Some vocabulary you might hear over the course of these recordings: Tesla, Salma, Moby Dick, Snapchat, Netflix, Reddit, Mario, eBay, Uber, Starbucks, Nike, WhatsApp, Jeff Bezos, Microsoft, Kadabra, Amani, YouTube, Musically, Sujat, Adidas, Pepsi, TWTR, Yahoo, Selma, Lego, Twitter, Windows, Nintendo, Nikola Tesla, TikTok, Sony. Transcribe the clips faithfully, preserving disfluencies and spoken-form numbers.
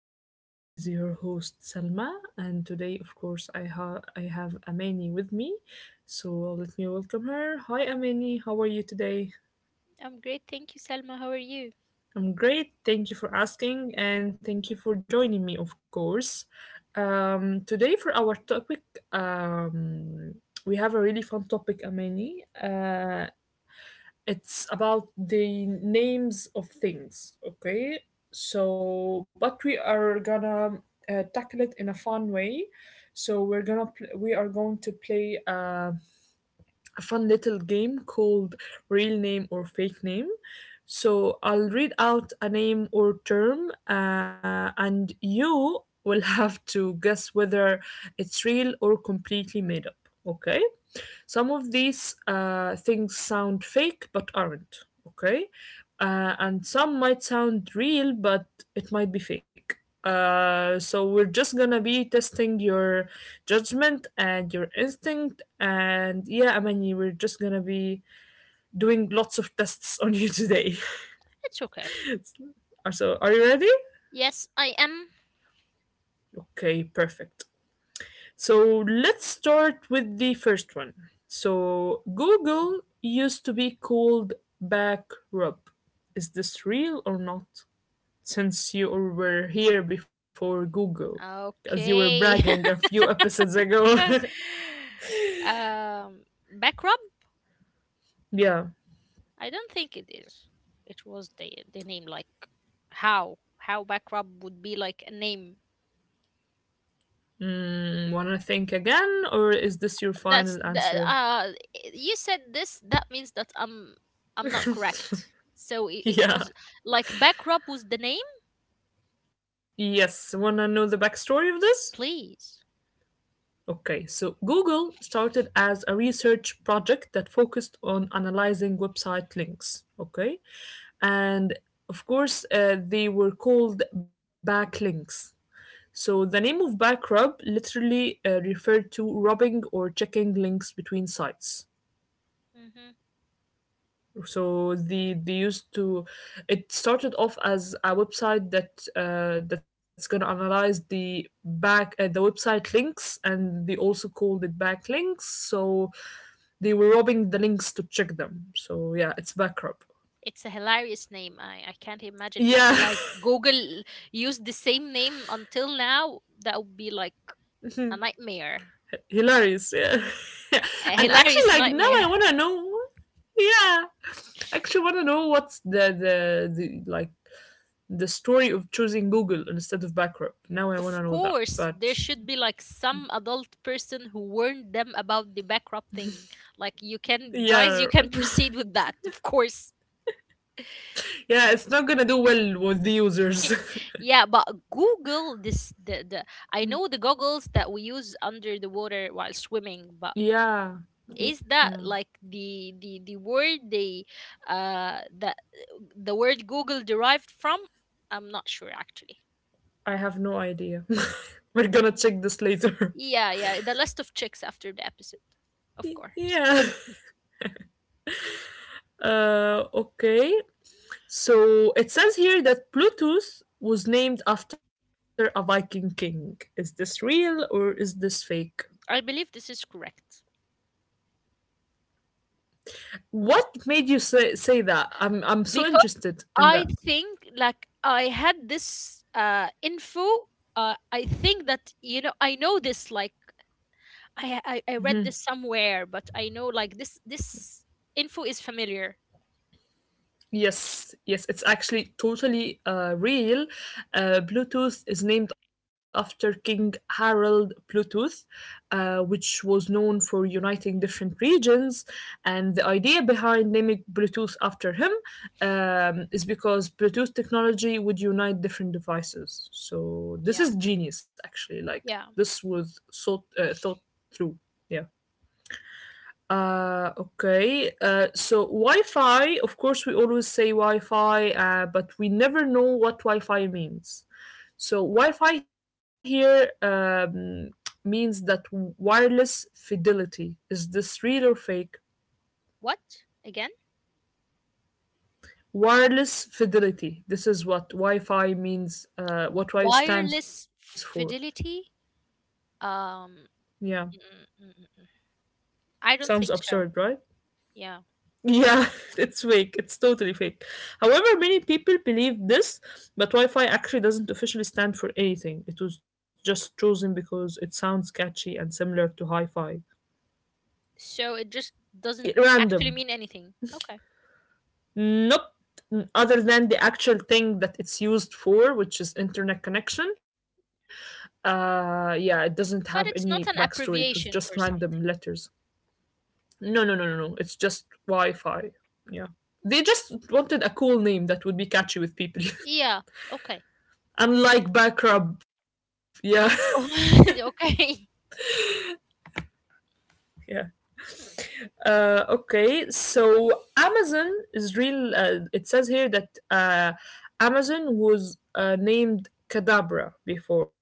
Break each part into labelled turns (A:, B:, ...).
A: everyone. This is your host Salma, and today, of course, I have I have Amani with me. So let me welcome her. Hi, Amani. How are you today?
B: I'm great, thank you, Selma. How are you?
A: I'm great. Thank you for asking, and thank you for joining me, of course. Um, today, for our topic, um, we have a really fun topic, Amani. Uh, it's about the names of things. Okay, so but we are gonna uh, tackle it in a fun way. So we're gonna pl- we are going to play uh, a fun little game called real name or fake name. So I'll read out a name or term, uh, and you will have to guess whether it's real or completely made up. Okay, some of these uh, things sound fake but aren't, okay? Uh, and some might sound real, but it might be fake. Uh, so we're just gonna be testing your judgment and your instinct, and yeah, I mean, we're just gonna be doing lots of tests on you today.
B: It's okay.
A: So, are you ready?
B: Yes, I am.
A: Okay, perfect. So let's start with the first one. So Google used to be called Backrub. Is this real or not? Since you were here before Google, as you were bragging
B: Okay.
A: a few episodes ago.
B: um, back rub?
A: Yeah.
B: I don't think it is. It was the the name, like how how back rub would be like a name.
A: Mm, wanna think again, or is this your final
B: That's the
A: answer?
B: uh. You said this. That means that I'm I'm not correct. So it, it
A: Yeah.
B: was like back rub was the name.
A: Yes. Wanna know the backstory of this?
B: Please.
A: Okay, so Google started as a research project that focused on analyzing website links. Okay, and of course, uh, they were called backlinks. So the name of Backrub literally uh, referred to rubbing or checking links between sites. So the they used to, it started off as a website that uh, that's gonna analyze the back uh, the website links, and they also called it backlinks. So they were robbing the links to check them. So yeah, it's Backrub.
B: It's a hilarious name. I, I can't imagine if we,
A: Yeah,
B: like, Google used the same name until now. That would be like a nightmare.
A: hilarious. Yeah, and
B: A
A: actually, like
B: hilarious
A: now I
B: nightmare.
A: wanna know. Yeah, actually wanna know what's the the, the like the story of choosing Google instead of Backrub? Now I wanna
B: Of
A: know that.
B: course,
A: But
B: there should be like some adult person who warned them about the bankrupt thing. Like, you can, guys,
A: yeah,
B: you can proceed with that, of course.
A: yeah, it's not gonna do well with the users.
B: Yeah, but Google, this, the, the I know the goggles that we use under the water while swimming, but
A: yeah,
B: is that
A: yeah.
B: like the the the word they uh that the word Google derived from? I'm not sure actually.
A: I have no idea. We're gonna check this later.
B: Yeah, yeah, the list of chicks after the episode, of course.
A: yeah. Uh, okay. So it says here that Bluetooth was named after a Viking king. Is this real or is this fake?
B: I believe this is correct
A: What made you say, say that? I'm I'm so
B: because
A: interested in
B: I
A: that.
B: think like I had this uh info. Uh, I think that, you know, I know this, like, I, I I read this somewhere, but I know, like, this this info is familiar.
A: Yes, yes, it's actually totally uh, real. Uh, Bluetooth is named after King Harold Bluetooth, uh, which was known for uniting different regions. And the idea behind naming Bluetooth after him um, is because Bluetooth technology would unite different devices. So this
B: Yeah,
A: is genius, actually. Like
B: yeah.
A: this was thought uh, thought through. Yeah. Uh, okay. Uh, so Wi-Fi, of course, we always say Wi-Fi, uh, but we never know what Wi-Fi means. So Wi-Fi here um, means that wireless fidelity. Is this real or fake?
B: What again?
A: Wireless fidelity. This is what Wi-Fi means. Uh, what Wi stands
B: Wireless
A: for.
B: fidelity? Um,
A: Yeah,
B: mm, mm, mm, mm, mm. I don't
A: sounds
B: think so.
A: absurd, right?
B: Yeah.
A: Yeah, it's fake. It's totally fake. However, many people believe this, but Wi Fi actually doesn't officially stand for anything. It was just chosen because it sounds catchy and similar to Hi Fi.
B: So it just doesn't actually
A: Random.
B: mean anything. Okay.
A: Not other than the actual thing that it's used for, which is internet connection. Uh, yeah, it doesn't have any
B: But it's
A: backstory.
B: not
A: It
B: an
A: was just
B: abbreviation
A: random
B: for
A: letters.
B: something.
A: No, no, no, no, no. It's just Wi Fi. Yeah. They
B: Hmm.
A: just wanted a cool name that would be catchy with people.
B: Yeah. Okay.
A: Unlike Backrub, yeah,
B: Oh, okay.
A: yeah. Uh, okay, so Amazon is real. Uh, it says here that uh, Amazon was uh, named Kadabra before,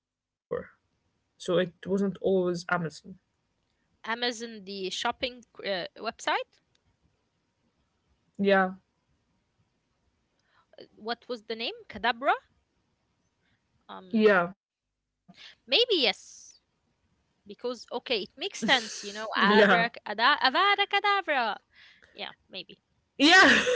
A: so it wasn't always Amazon.
B: Amazon, the shopping uh, website.
A: Yeah,
B: Uh, What was the name? Kadabra? Um,
A: yeah,
B: maybe yes. Because, okay, it makes sense, you know.
A: yeah,
B: Abra, ada, avada, kadabra. Yeah, maybe.
A: yeah.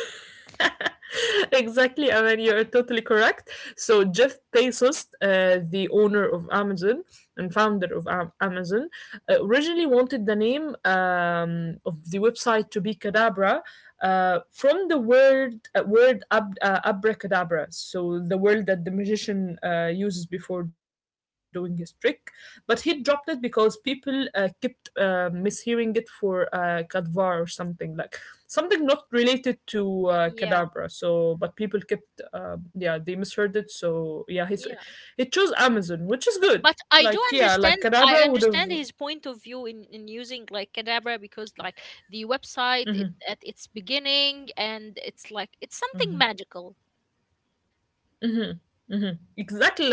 A: Exactly, I mean, you're totally correct. So, Jeff Bezos, uh, the owner of Amazon and founder of Am- Amazon, uh, originally wanted the name um, of the website to be Cadabra, uh, from the word uh, word ab- uh, abracadabra, so the word that the magician uh, uses before doing his trick. But he dropped it because people uh, kept uh, mishearing it for uh, Kadvar or something like something not related to uh,
B: Yeah.
A: Kadabra. So, but people kept um yeah, they misheard it. So yeah, he
B: Yeah.
A: he chose Amazon, which is good.
B: But I do
A: Like yeah,
B: understand,
A: like
B: I
A: Kadabra would have,
B: understand his point of view in, in using like Kadabra, because like the website, it, at its beginning, and it's like it's something magical,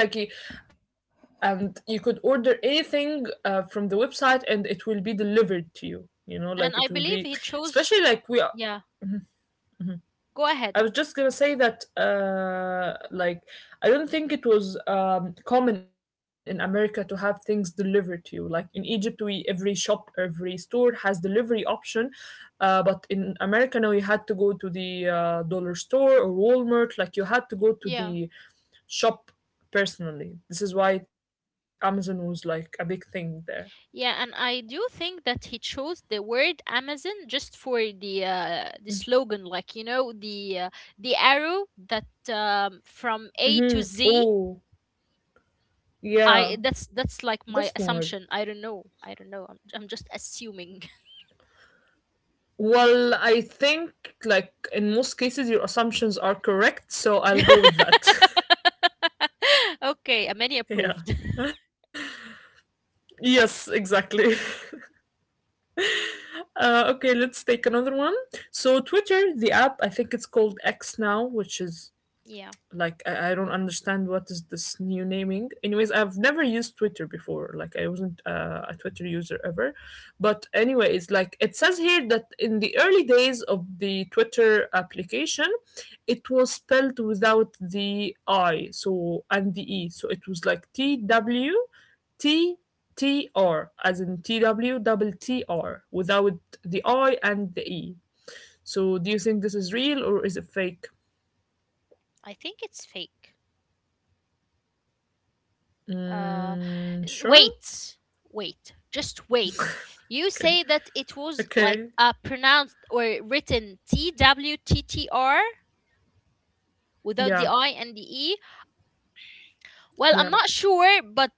A: exactly, like he, and you could order anything uh, from the website and it will be delivered to you, you know,
B: and
A: like
B: I
A: it will
B: believe
A: be,
B: he chose,
A: especially like we are.
B: yeah, go ahead.
A: I was just gonna say that, uh, like, I don't think it was um, common in America to have things delivered to you. Like in Egypt, we every shop, every store has delivery option, uh, but in America now you had to go to the uh, dollar store or Walmart. Like you had to go to
B: Yeah,
A: the shop personally. This is why Amazon was like a big thing there.
B: yeah, and I do think that he chose the word Amazon just for the uh, the slogan, like, you know, the uh, the arrow that um, from A to Z.
A: Oh yeah,
B: I, that's that's like
A: that's
B: my
A: smart.
B: assumption. I don't know, I don't know, I'm, I'm just assuming.
A: Well, I think like in most cases your assumptions are correct, so I'll go with that.
B: Okay, many
A: Yeah.
B: approved.
A: Yes, exactly. Uh, okay, let's take another one. So Twitter, the app, I think it's called X now, which is
B: Yeah,
A: like, I, I don't understand what is this new naming. Anyways, I've never used Twitter before. Like I wasn't uh, a Twitter user ever. But anyways, like it says here that in the early days of the Twitter application, it was spelled without the I so and the E, so it was like T W T T R, as in T W double T R, without the I and the E. So do you think this is real or is it fake?
B: I think it's fake. Uh, l-
A: Mm, sure.
B: wait, wait, just wait. You
A: Okay,
B: say that it was
A: okay,
B: like uh, pronounced or written T W T T R without the
A: yeah,
B: I and the E. Well, I'm
A: yeah.
B: not sure, but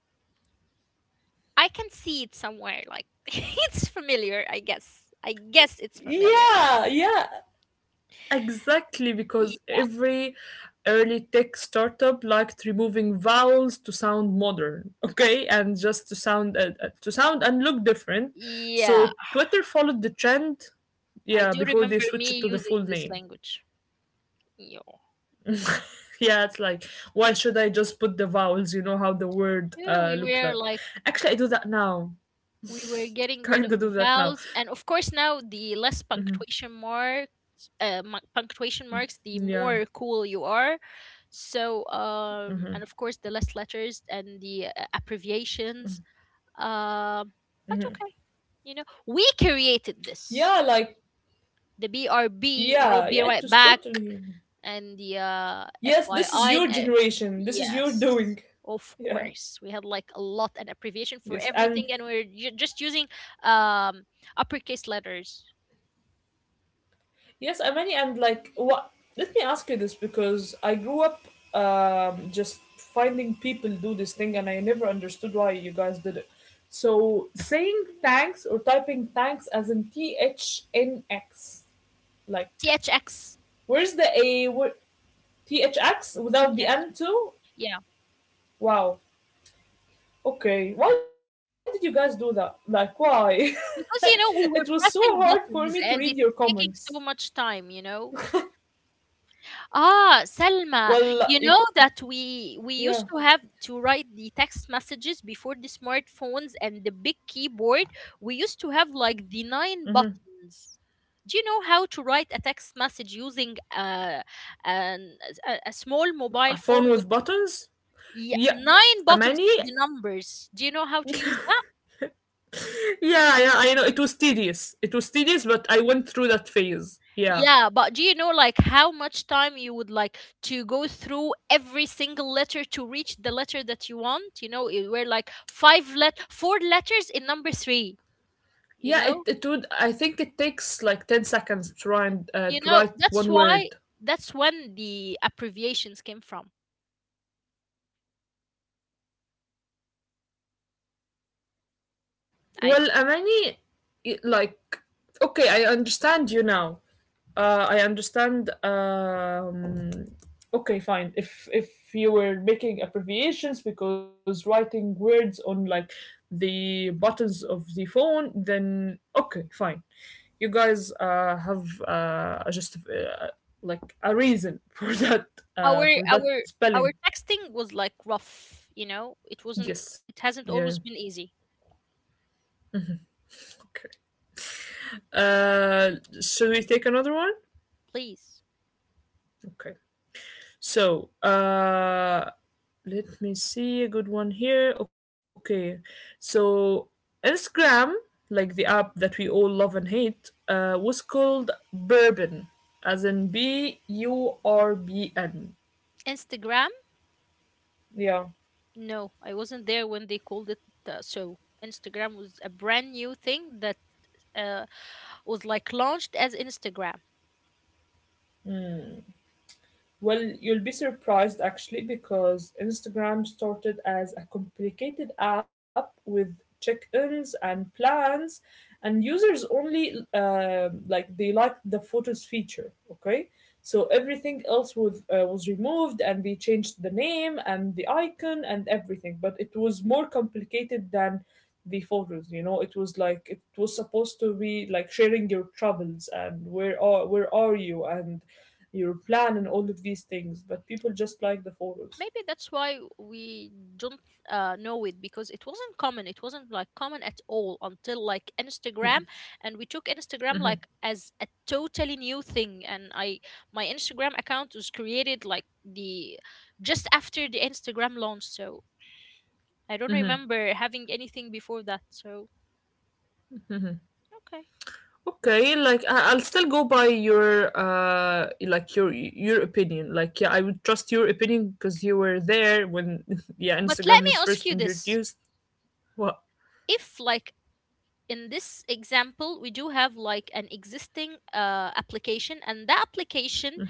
B: I can see it somewhere. Like, it's familiar, I guess. I guess it's familiar.
A: Yeah, yeah. Exactly,
B: Y-
A: because every early tech startup liked removing vowels to sound modern, okay, and just to sound, uh, uh, to sound and look different.
B: yeah,
A: So Twitter followed the trend,
B: I
A: yeah,
B: do
A: before they
B: remember
A: switched it
B: me
A: to the
B: using
A: full
B: this
A: name.
B: language. Yeah,
A: Yeah, it's like why should I just put the vowels? You know how the word
B: yeah,
A: uh
B: we
A: look
B: were
A: like.
B: like,
A: Actually, I do that now.
B: we were getting rid
A: Kind
B: of
A: of
B: the
A: do that now.
B: vowels, and of course now the less punctuation marks, uh, mu- punctuation marks, the
A: Yeah.
B: more cool you are. So um and of course the less letters and the uh, abbreviations, um but okay, you know, we created this,
A: Yeah, like,
B: the B R B, you know,
A: yeah,
B: be
A: yeah, it
B: right
A: was
B: back,
A: totally.
B: and the uh,
A: Yes, this is
B: F Y I. And,
A: your
B: uh,
A: generation. This is your
B: yes,
A: doing.
B: of
A: Yeah.
B: course. We had like a lot, an abbreviation for
A: Yes, and
B: everything, and we're ju- just using um, uppercase letters.
A: yes, Amani, and like, what? Let me ask you this because I grew up um, just finding people do this thing, and I never understood why you guys did it. So saying thanks or typing thanks as in T H N X, like,
B: T H X.
A: where's the A? Where, T H X without the
B: Yes.
A: N too?
B: Yeah.
A: Wow. Okay, why did you guys do that? Like, why? It
B: Because, you
A: was so
B: know, we were
A: hard for me
B: pressing
A: to read your
B: buttons and it was
A: comments.
B: taking so much time, you know? Ah, Selma,
A: Well,
B: you
A: you,
B: know that we we
A: yeah.
B: used to have to write the text messages before the smartphones and the big keyboard. We used to have like the nine buttons. Do you know how to write a text message using uh, an, a, a small mobile
A: A
B: phone
A: phone
B: with,
A: with buttons?
B: yeah,
A: Yeah.
B: nine
A: A
B: buttons
A: many?
B: for the numbers? Do you know how to use that?
A: Yeah, yeah, I know. It was tedious. It was tedious, but I went through that phase. Yeah.
B: Yeah, but do you know like how much time you would like to go through every single letter to reach the letter that you want? You know, it, were like five let four letters in number three. You
A: Yeah,
B: know,
A: it, it would. I think it takes like ten seconds to write, uh,
B: you
A: to
B: know
A: write
B: that's
A: one
B: why,
A: word.
B: that's when the abbreviations came from. I
A: Well,
B: think
A: Amani, i- like, okay, I understand you now. Uh, I understand. Um, okay, fine. If if you were making abbreviations because writing words on like the buttons of the phone, then okay, fine. You guys uh, have uh, a just uh, like a reason for that
B: our
A: uh, for that
B: our our
A: spelling.
B: texting was like rough. You know, it wasn't.
A: Yes.
B: It
A: Yeah.
B: hasn't
A: Yeah.
B: always been easy.
A: Okay. Uh, should we take another one?
B: Please,
A: Okay. So, uh, Let me see a good one here. Okay, so Instagram, like the app that we all love and hate, uh, was called Bourbon, as in B U R B N.
B: Instagram.
A: Yeah.
B: No, I wasn't there when they called it uh, so. Instagram was a brand new thing that uh, was like launched as Instagram.
A: Well, you'll be surprised actually because Instagram started as a complicated app with check ins and plans, and users only uh, like they liked the photos feature. Okay, so everything else was, uh, was removed and they changed the name and the icon and everything, but it was more complicated than the photos. You know, it was like it was supposed to be like sharing your travels and where are where are you and your plan and all of these things, but people just like the photos.
B: Maybe that's why we don't uh, know it, because it wasn't common. It wasn't like common at all until like Instagram, and we took Instagram like as a totally new thing. And I, my Instagram account was created like the just after the Instagram launch. So I don't remember having anything before that. So okay.
A: Okay, like I- will still go by your uh like your your opinion. Like yeah, I would trust your opinion because you were there when yeah,
B: But let
A: Instagram
B: me
A: was
B: ask
A: first
B: you this:
A: introduced. What?
B: if like in this example we do have like an existing uh, application, and that application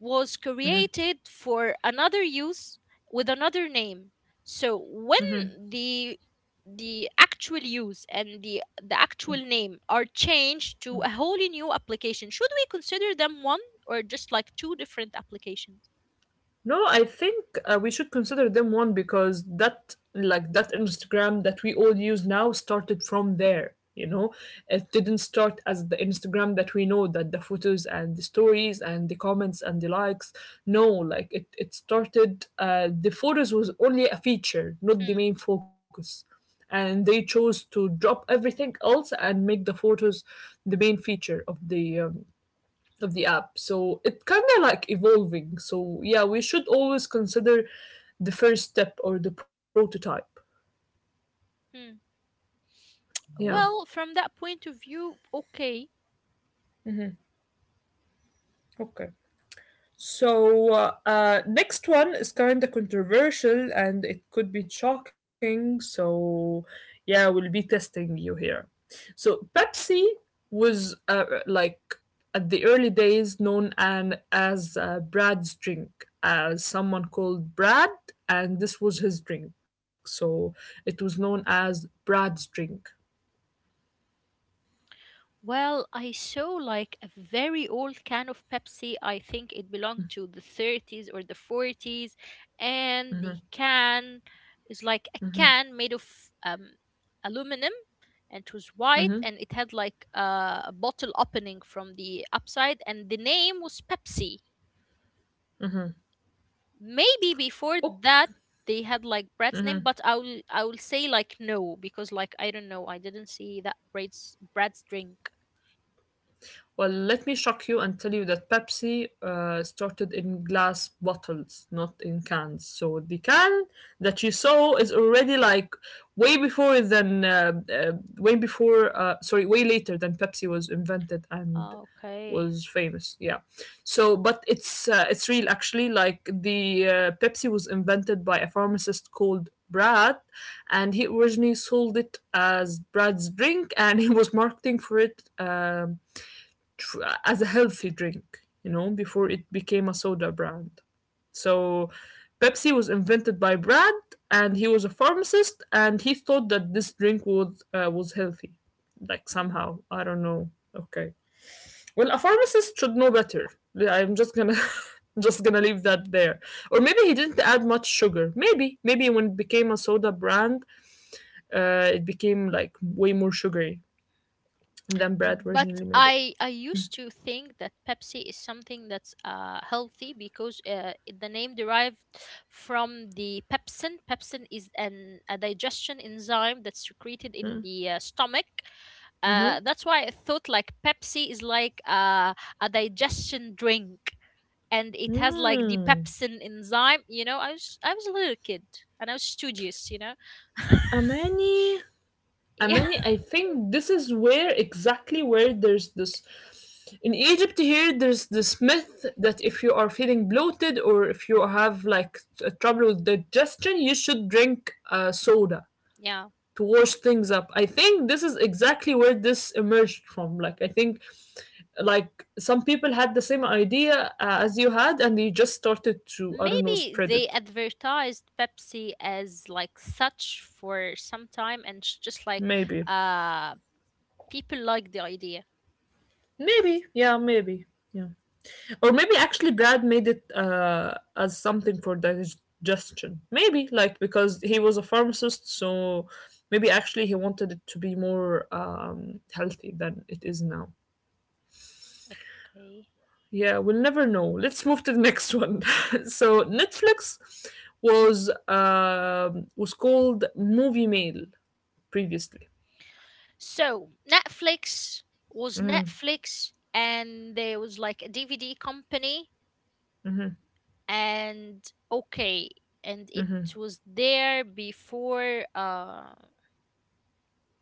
B: was created for another use with another name, so when the the actual use and the the actual name are changed to a wholly new application, should we consider them one, or just like two different applications?
A: No, I think uh, we should consider them one because that like that Instagram that we all use now started from there. You know, it didn't start as the Instagram that we know, that the photos and the stories and the comments and the likes. No, like it, it started. Uh, the photos was only a feature, not the
B: Mm.
A: main focus. And they chose to drop everything else and make the photos the main feature of the um, of the app. So it kind of like evolving. So yeah, we should always consider the first step or the prototype.
B: Hmm.
A: Yeah.
B: Well, from that point of view, okay.
A: Okay. So, uh, uh, next one is kind of controversial and it could be shocking. So, yeah, we'll be testing you here. So, Pepsi was uh, like at the early days known an, as uh, Brad's drink, as someone called Brad, and this was his drink. So, it was known as Brad's drink.
B: Well, I saw like a very old can of Pepsi. I think it belonged to the thirties or the forties. And the can is like a can made of um, aluminum, and it was white,
A: Mhm.
B: and it had like a, a bottle opening from the upside, and the name was Pepsi. Maybe before that they had like Brad's name, but I will I will say like no, because like I don't know, I didn't see that Brad's Brad's drink.
A: Well, let me shock you and tell you that Pepsi uh, started in glass bottles, not in cans. So the can that you saw is already like way before than uh, uh, way before uh, sorry way later than Pepsi was invented and
B: Ah, okay.
A: was famous. Yeah. So, but it's uh, it's real actually. Like the uh, Pepsi was invented by a pharmacist called Brad, and he originally sold it as Brad's drink, and he was marketing for it. Um, tr- as a healthy drink, you know, before it became a soda brand. So Pepsi was invented by Brad, and he was a pharmacist, and he thought that this drink was uh, was healthy, like
B: Hmm.
A: somehow. I don't know. Okay. Well, a pharmacist should know better. Yeah, I'm just gonna. Just gonna leave that there, or maybe he didn't add much sugar. Maybe maybe when it became a soda brand uh, it became like way more sugary than Brad
B: But
A: originally made it.
B: I I used to think that Pepsi is something that's uh, healthy, because uh, it- the name derived from the pepsin. Pepsin is an a digestion enzyme that's secreted in
A: Hmm,
B: the uh, stomach.
A: mm-hmm.
B: Uh, that's why I thought like Pepsi is like uh, a digestion drink and it has like the
A: Mm.
B: pepsin enzyme. You know, I was I was a little kid and I was studious. You know,
A: Amani,
B: yeah,
A: Amani, I think this is where exactly where there's this in Egypt here there's this myth that if you are feeling bloated or if you have like t- trouble with digestion, you should drink uh, soda
B: yeah.
A: to wash things up. I think this is exactly where this emerged from. Like I think like some people had the same idea uh, as you had, and you just started to, I don't know,
B: Maybe
A: spread
B: they
A: it.
B: advertised Pepsi as like such for some time, and it's just like
A: Maybe.
B: uh people like the idea.
A: Maybe. Yeah, maybe. Yeah. Or maybe actually Brad made it uh, as something for digestion. Maybe, like, because he was a pharmacist, so maybe actually he wanted it to be more um, healthy than it is now.
B: Okay.
A: Yeah, we'll never know. Let's move to the next one. So, Netflix was um was called Movie Mail previously.
B: So Netflix was
A: Mm-hmm,
B: Netflix and there was like a D V D company,
A: mm-hmm,
B: and okay, and it
A: mm-hmm,
B: was there before uh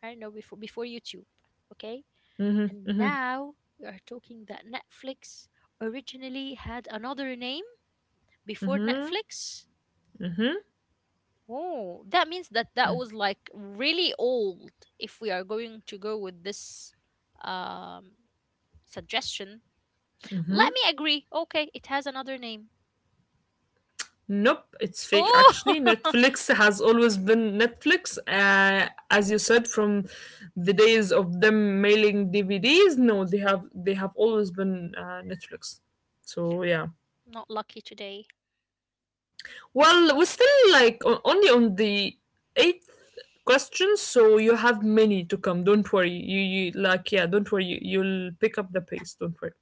B: I don't know, before, before YouTube. Okay?
A: mm-hmm,
B: And
A: mm-hmm,
B: now we are talking that Netflix originally had another name before
A: mm-hmm,
B: Netflix?
A: mm-hmm.
B: Oh, that means that that was like really old, if we are going to go with this um suggestion. Let me agree. Okay, it has another name.
A: Nope, it's fake
B: Oh,
A: actually. Netflix has always been Netflix. Uh, as you said, from the days of them mailing D V Ds, no, they have they have always been uh, Netflix. So yeah.
B: not lucky today.
A: Well, we're still like on, only on the eighth question, so you have many to come. Don't worry. You you like yeah. Don't worry. You, you'll pick up the pace. Don't worry.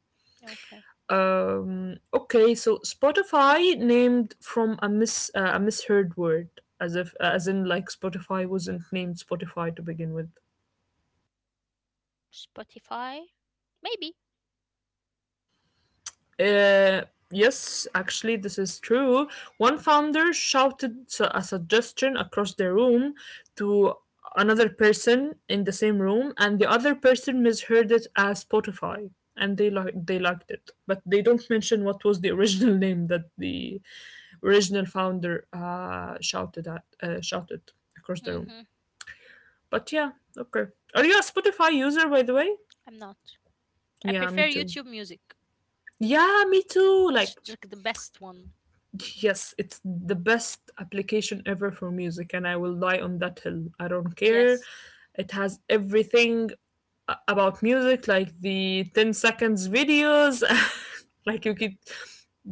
B: Okay.
A: Um, okay, so Spotify named from a mis uh, a misheard word, as if uh, as in like Spotify wasn't named Spotify to begin with.
B: Spotify? Maybe.
A: Uh, yes, actually, this is true. One founder shouted su- a suggestion across the room to another person in the same room, and the other person misheard it as Spotify, and they like they liked it, but they don't mention what was the original name that the original founder uh, shouted at uh, shouted across the room.
B: Hmm.
A: But yeah, okay. Are you a Spotify user, by the way?
B: I'm not. I
A: Yeah, me
B: prefer
A: too.
B: YouTube music.
A: Yeah, me too.
B: It's
A: Like,
B: like the best one.
A: yes, it's the best application ever for music, and I will die on that hill. I don't care.
B: Yes.
A: It has everything a- about music, like the ten seconds videos, like you could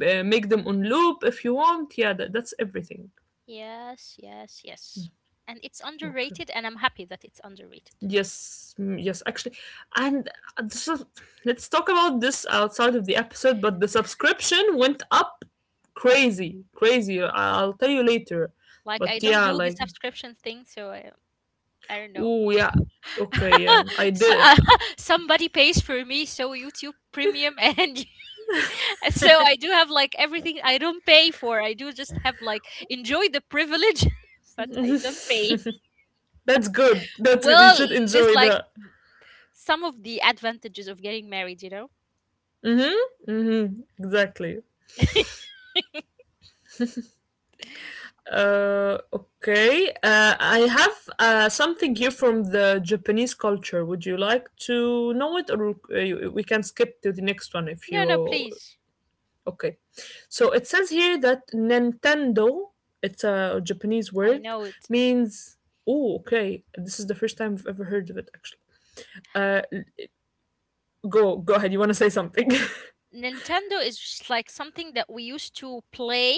A: uh, make them on loop if you want. Yeah, that, that's everything.
B: Yes, yes, yes. And it's
A: Okay.
B: underrated, and I'm happy that it's underrated.
A: Yes, mm, yes, actually, and uh, the let's talk about this outside of the episode. But the subscription went up crazy, crazy. I- I'll tell you later.
B: Like,
A: But
B: I don't
A: yeah,
B: do the
A: like,
B: subscription thing, so I, I don't know.
A: ooh, yeah, okay, yeah, I
B: So,
A: did.
B: uh, somebody pays for me, so YouTube Premium, and so I do have like everything, I don't pay for. I do just have like enjoy the privilege, but I don't pay.
A: That's good. That's good. You
B: Well,
A: should
B: this
A: enjoy
B: like
A: that.
B: some of the advantages of getting married, you know.
A: Mm-hmm. Mm-hmm. Exactly. Uh, okay. Uh, I have uh, something here from the Japanese culture. Would you like to know it, or uh, you- we can skip to the next one if
B: No,
A: you.
B: no, please.
A: Okay. So it says here that Nintendo, it's a Japanese
B: I
A: word,
B: know it.
A: means. Oh, okay. This is the first time I've ever heard of it actually. Uh go Go ahead, you wanna say something.
B: Nintendo is just like something that we used to play.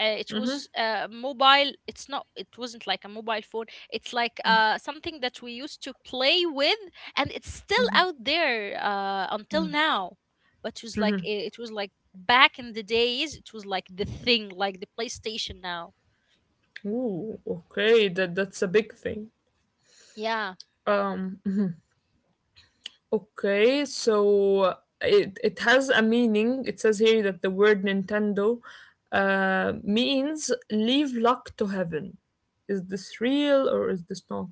B: Uh, it was uh, mobile. It's not. It wasn't like a mobile phone. It's like uh, something that we used to play with, and it's still out there uh, until now. But it was like, it it was like back in the days. It was like the thing, like the PlayStation now.
A: Ooh, okay, that that's a big thing.
B: Yeah.
A: Um okay, so it it has a meaning. It says here that the word Nintendo uh means leave luck to heaven. Is this real or is this not?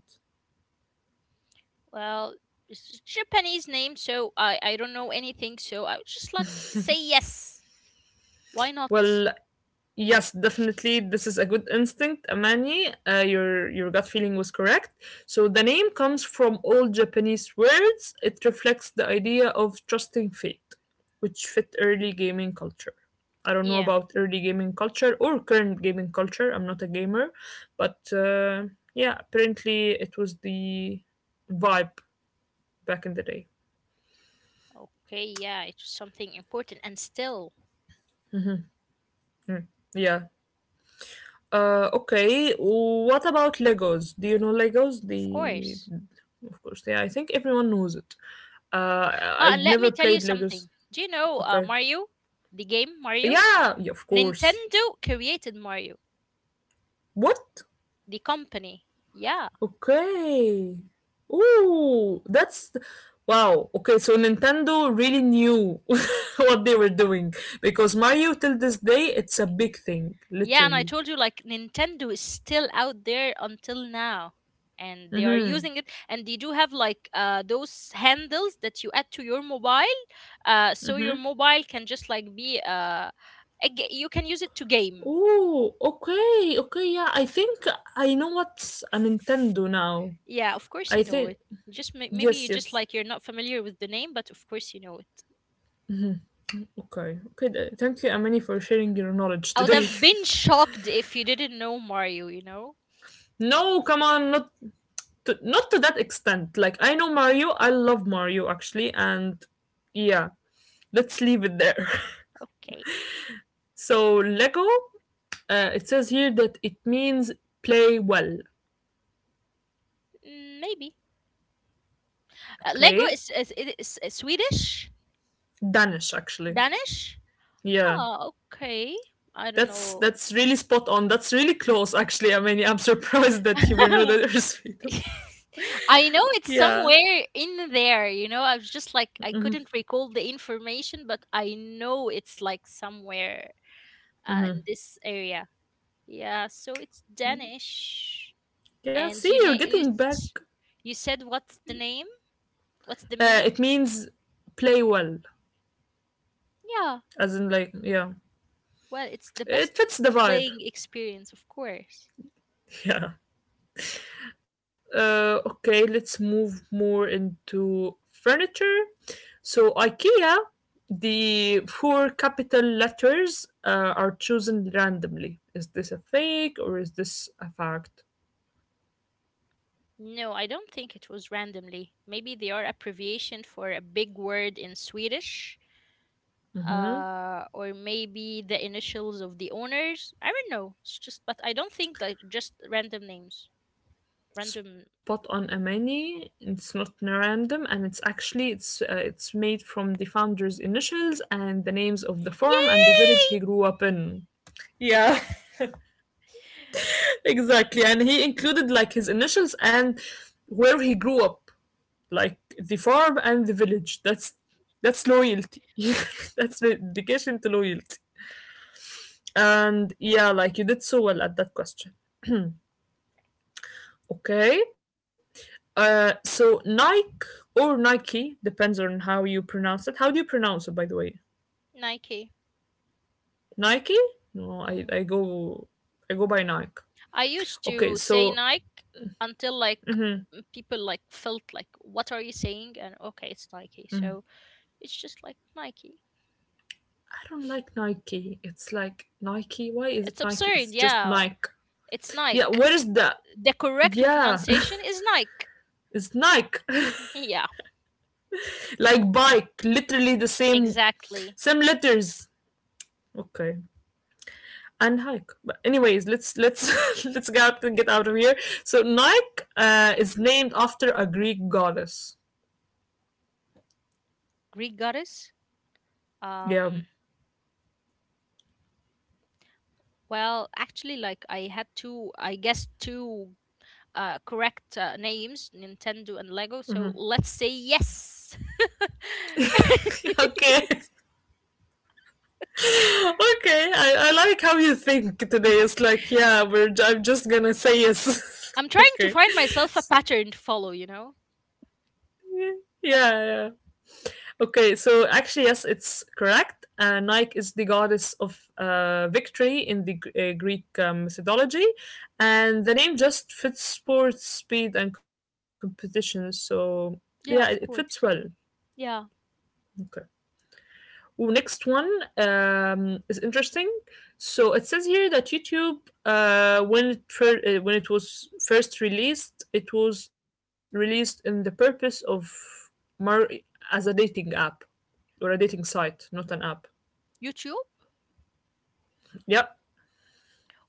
B: Well, it's a Japanese name, so I I don't know anything. So I would just like say yes. Why not?
A: Well, yes, definitely. This is a good instinct, Amani. Uh, your your gut feeling was correct. So the name comes from old Japanese words. It reflects the idea of trusting fate, which fit early gaming culture. I don't know
B: Yeah.
A: about early gaming culture or current gaming culture. I'm not a gamer, but uh, yeah, apparently it was the vibe back in the day.
B: Okay, yeah, it's something important and still,
A: Yeah. Uh, okay. What about Legos? Do you know Legos?
B: of
A: The,
B: course.
A: of course, yeah. I think everyone knows it. Uh,
B: Ah,
A: I
B: and let me
A: never
B: tell you
A: played Legos.
B: something. Do you know uh,
A: Okay.
B: Mario? The game Mario?
A: Yeah, yeah, of course.
B: Nintendo created Mario,
A: What?
B: the company. Yeah.
A: Okay. Ooh, that's wow. Okay, so Nintendo really knew what they were doing because Mario till this day it's a big thing,
B: Yeah, and I
A: literally.
B: told you like Nintendo is still out there until now. And they are
A: Mm-hmm.
B: using it, and they do have like uh those handles that you add to your mobile, uh so
A: Mm-hmm.
B: your mobile can just like be uh a, ga- you can use it to game.
A: Oh, okay, okay, yeah. I think I know what's a Nintendo now.
B: Yeah, of course
A: I
B: you know
A: think
B: it. You just may- maybe
A: yes,
B: you just
A: yes.
B: like, you're not familiar with the name, but of course you know it.
A: Okay, okay. th- Thank you, Amani, for sharing your knowledge
B: I would
A: today.
B: have been shocked if you didn't know Mario, you know?
A: No, come on, not to, not to that extent. Like I know Mario. I love Mario actually, and yeah, let's leave it there.
B: Okay.
A: So Lego. Uh, it says here that it means play well.
B: Mm, maybe. Uh, Lego
A: Okay,
B: is, is, it is uh, Swedish?
A: Danish actually.
B: Danish?
A: Yeah.
B: Oh, okay. I don't
A: That's
B: know.
A: that's really spot on. That's really close, actually. I mean, yeah, I'm surprised that he will know that there's fetus.
B: I know it's
A: Yeah,
B: somewhere in there, you know. I was just like I couldn't recall the information, but I know it's like somewhere uh, in this area. Yeah, so it's Danish.
A: yeah.
B: And
A: See,
B: you
A: you're
B: na- you,
A: getting back.
B: s- you said, what's the name? What's the
A: Uh,
B: meaning?
A: it means play well,
B: Yeah.
A: as in like yeah,
B: Well, it's the best
A: it fits the vibe.
B: playing experience, of course.
A: Yeah. Uh, okay, let's move more into furniture. So IKEA, the four capital letters uh, are chosen randomly. Is this a fake or is this a fact?
B: No, I don't think it was randomly. Maybe they are abbreviation for a big word in Swedish, uh, or maybe the initials of the owners. I don't know. It's just, but I don't think that just random names. Random.
A: Spot on, Amani. It's not random, and it's actually it's uh, it's made from the founder's initials and the names of the farm and the village
B: Yay!
A: he grew up in. Yeah, exactly. And he included like his initials and where he grew up, like the farm and the village. That's that's loyalty. That's dedication to loyalty. And yeah, like you did so well at that question. Okay. Uh, so Nike or Nike depends on how you pronounce it. How do you pronounce it, by the way?
B: Nike.
A: Nike? No, I,
B: Hmm.
A: I go I go by Nike.
B: I used
A: Okay,
B: to say
A: so
B: Nike until like m- people like felt like what are you saying, and okay, it's Nike, so it's just like Nike.
A: I don't like Nike. It's like Nike. Why is it
B: It's
A: Nike? It's
B: absurd,
A: just
B: yeah.
A: Nike.
B: It's
A: Yeah,
B: Nike.
A: where is that?
B: The correct
A: Yeah,
B: pronunciation is Nike.
A: it's Nike.
B: Yeah,
A: Like bike, literally the same
B: exactly.
A: same letters. Okay, and hike. But anyways, let's let's let's get out, get out of here. So Nike uh, is named after a Greek goddess.
B: Greek goddess.
A: Yeah.
B: Um well, actually like I had two I guess two uh correct uh, names, Nintendo and Lego, so
A: Mhm.
B: let's say yes.
A: Okay. Okay. I, I like how you think today. It's like yeah, we're I I'm just gonna say yes.
B: I'm trying to
A: Okay.
B: find myself a
A: So,
B: pattern to follow, you know?
A: yeah. Yeah. Okay, so actually, yes, it's correct. Uh, Nike is the goddess of uh, victory in the Gr- uh, Greek um, mythology, and the name just fits sports, speed, and competition. So yeah, it, it
B: Yeah,
A: fits
B: of
A: well.
B: course. Yeah.
A: Okay. Ooh, next one um, is interesting. So it says here that YouTube, uh, when it fir- uh, when it was first released, it was released in the purpose of mar- as a dating app or a dating site, not an app.
B: YouTube?
A: Yep,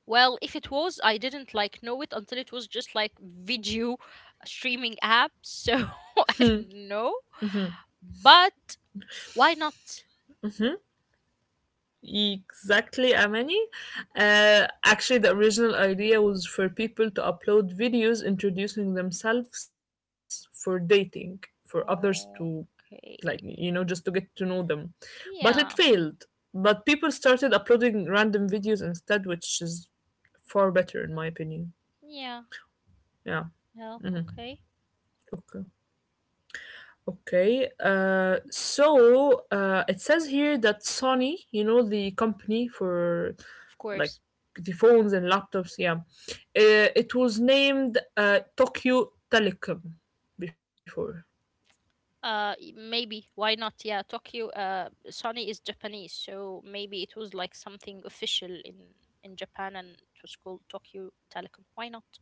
B: Well, if it was, I didn't like know it until it was just like video streaming app. So I don't know. But why not?
A: exactly, Amani. Uh, actually, the original idea was for people to upload videos introducing themselves for dating, for others to, like,
B: Okay.
A: you know, just to get to know them. But it
B: Yeah.
A: failed. But people started uploading random videos instead, which is far better, in my opinion.
B: Yeah.
A: Yeah,
B: Well, okay.
A: okay. Okay. Uh, so uh, it says here that Sony, you know, the company for
B: Of
A: like
B: course.
A: the phones and laptops, yeah, uh, it was named uh, Tokyo Telecom before.
B: Uh, y- maybe why not? Yeah, Tokyo. Uh, Sony is Japanese, so maybe it was like something official in in Japan, and it was called Tokyo Telecom. Why not?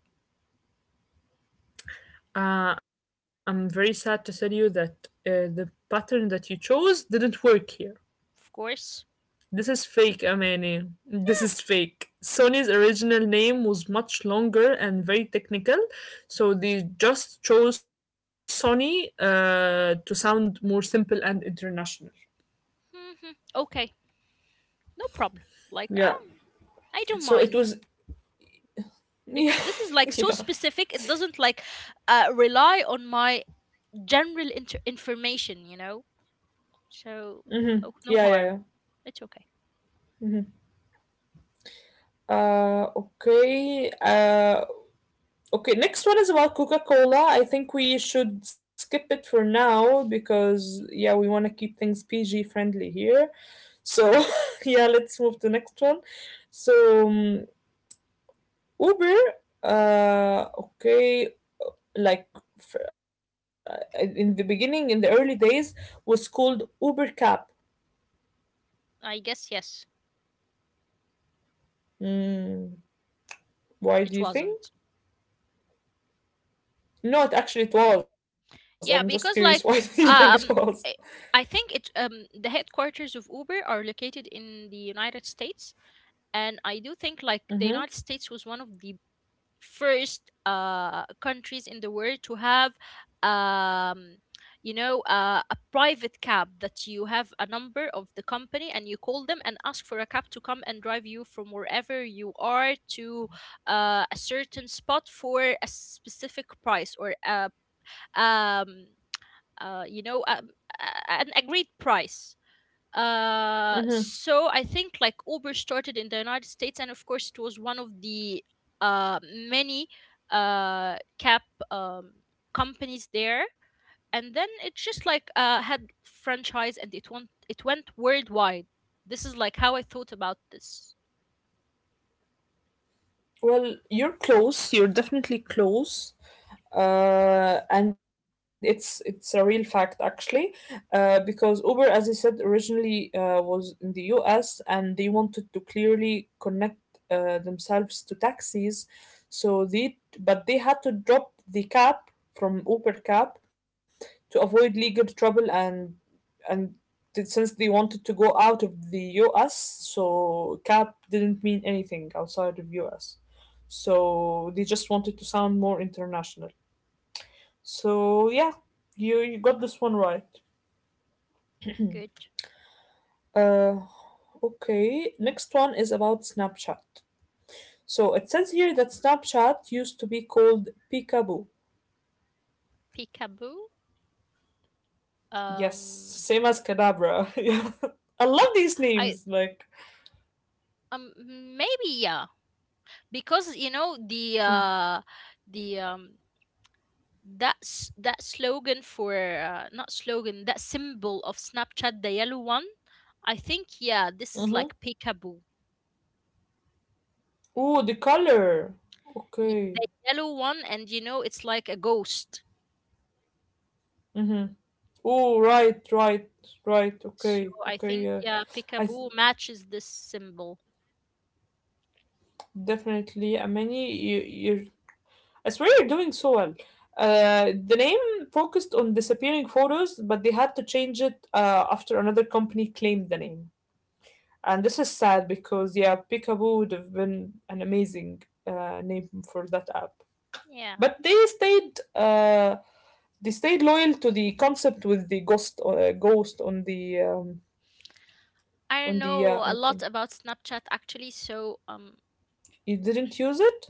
A: Uh, I'm very sad to tell you that uh, the pattern that you chose didn't work here.
B: Of course.
A: This is fake, Amani. This is fake. Sony's original name was much longer and very technical, so they just chose Sony uh, to sound more simple and international.
B: hmm Okay, no problem. Like
A: Yeah.
B: um, I don't
A: So it
B: mind
A: was.
B: because
A: Yeah.
B: this is like so
A: Yeah.
B: specific. It doesn't like uh rely on my general inter- information, you know. So oh, no
A: Yeah. Yeah.
B: harm.
A: Yeah.
B: It's okay.
A: Uh, okay. Uh, okay, next one is about Coca-Cola. I think we should skip it for now because yeah, we want to keep things P G friendly here. So yeah, let's move to the next one. So um, Uber, uh, okay, like f- uh, in the beginning, in the early days, was called Uber Cab.
B: I guess yes.
A: Mm, why do
B: It
A: you think?
B: wasn't.
A: No, it actually it was. I'm just curious. Why
B: Yeah,
A: do you
B: because
A: think
B: like
A: it was?
B: um I I think it um the headquarters of Uber are located in the United States, and I do think like the
A: Mm-hmm.
B: United States was one of the first uh countries in the world to have um you know uh, a private cab that you have a number of the company and you call them and ask for a cab to come and drive you from wherever you are to uh, a certain spot for a specific price or a um uh, you know, um, a- an agreed price. Uh,
A: Mm-hmm.
B: so I think like Uber started in the United States, and of course, it was one of the uh, many uh, cab um, companies there. And then it just like uh, had franchise, and it went it went worldwide. This is like how I thought about this.
A: Well, you're close. You're definitely close, uh, and it's it's a real fact actually, uh, because Uber, as I said, originally uh, was in the U S and they wanted to clearly connect uh, themselves to taxis, so they but they had to drop the cap from Uber cap to avoid legal trouble and and th- since they wanted to go out of the U S, so cap didn't mean anything outside of U S. So they just wanted to sound more international. So yeah, you you got this one right.
B: Good.
A: Uh okay, next one is about Snapchat. So it says here that Snapchat used to be called Peekaboo.
B: Peekaboo.
A: Yes,
B: Um,
A: same as Kadabra. yeah. I love these
B: I
A: names like
B: um maybe yeah, because you know the
A: hmm,
B: uh the um that's that slogan for uh, not slogan, that symbol of Snapchat, the yellow one. I think yeah, this is
A: Mm-hmm.
B: like peekaboo.
A: Oh, the color.
B: Y-
A: Okay.
B: the yellow one, and you know it's like a ghost,
A: Mm-hmm. Oh, right, right, right.
B: so
A: Okay,
B: I
A: okay.
B: think
A: Yeah,
B: yeah,
A: I th-
B: peekaboo matches this symbol.
A: definitely, Amani, you, you. I swear you're doing so well. Uh, the name focused on disappearing photos, but they had to change it, uh, after another company claimed the name. And this is sad because, yeah, Peekaboo would have been an amazing uh, name for that app.
B: Yeah,
A: But they stayed. Uh, they stayed loyal to the concept with the ghost uh, ghost on the um,
B: I don't
A: on the uh,
B: know a lot
A: icon.
B: about Snapchat, actually, so um
A: You didn't use it?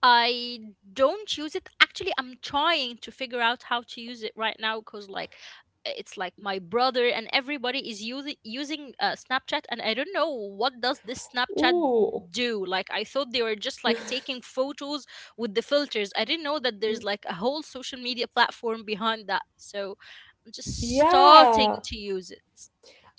B: I don't use it. Actually, I'm trying to figure out how to use it right now because, like, it's like my brother and everybody is using using uh, Snapchat, and I don't know what does this Snapchat
A: Ooh.
B: do. Like, I thought they were just like taking photos with the filters. I didn't know that there's like a whole social media platform behind that. So I'm just starting
A: Yeah.
B: to use it.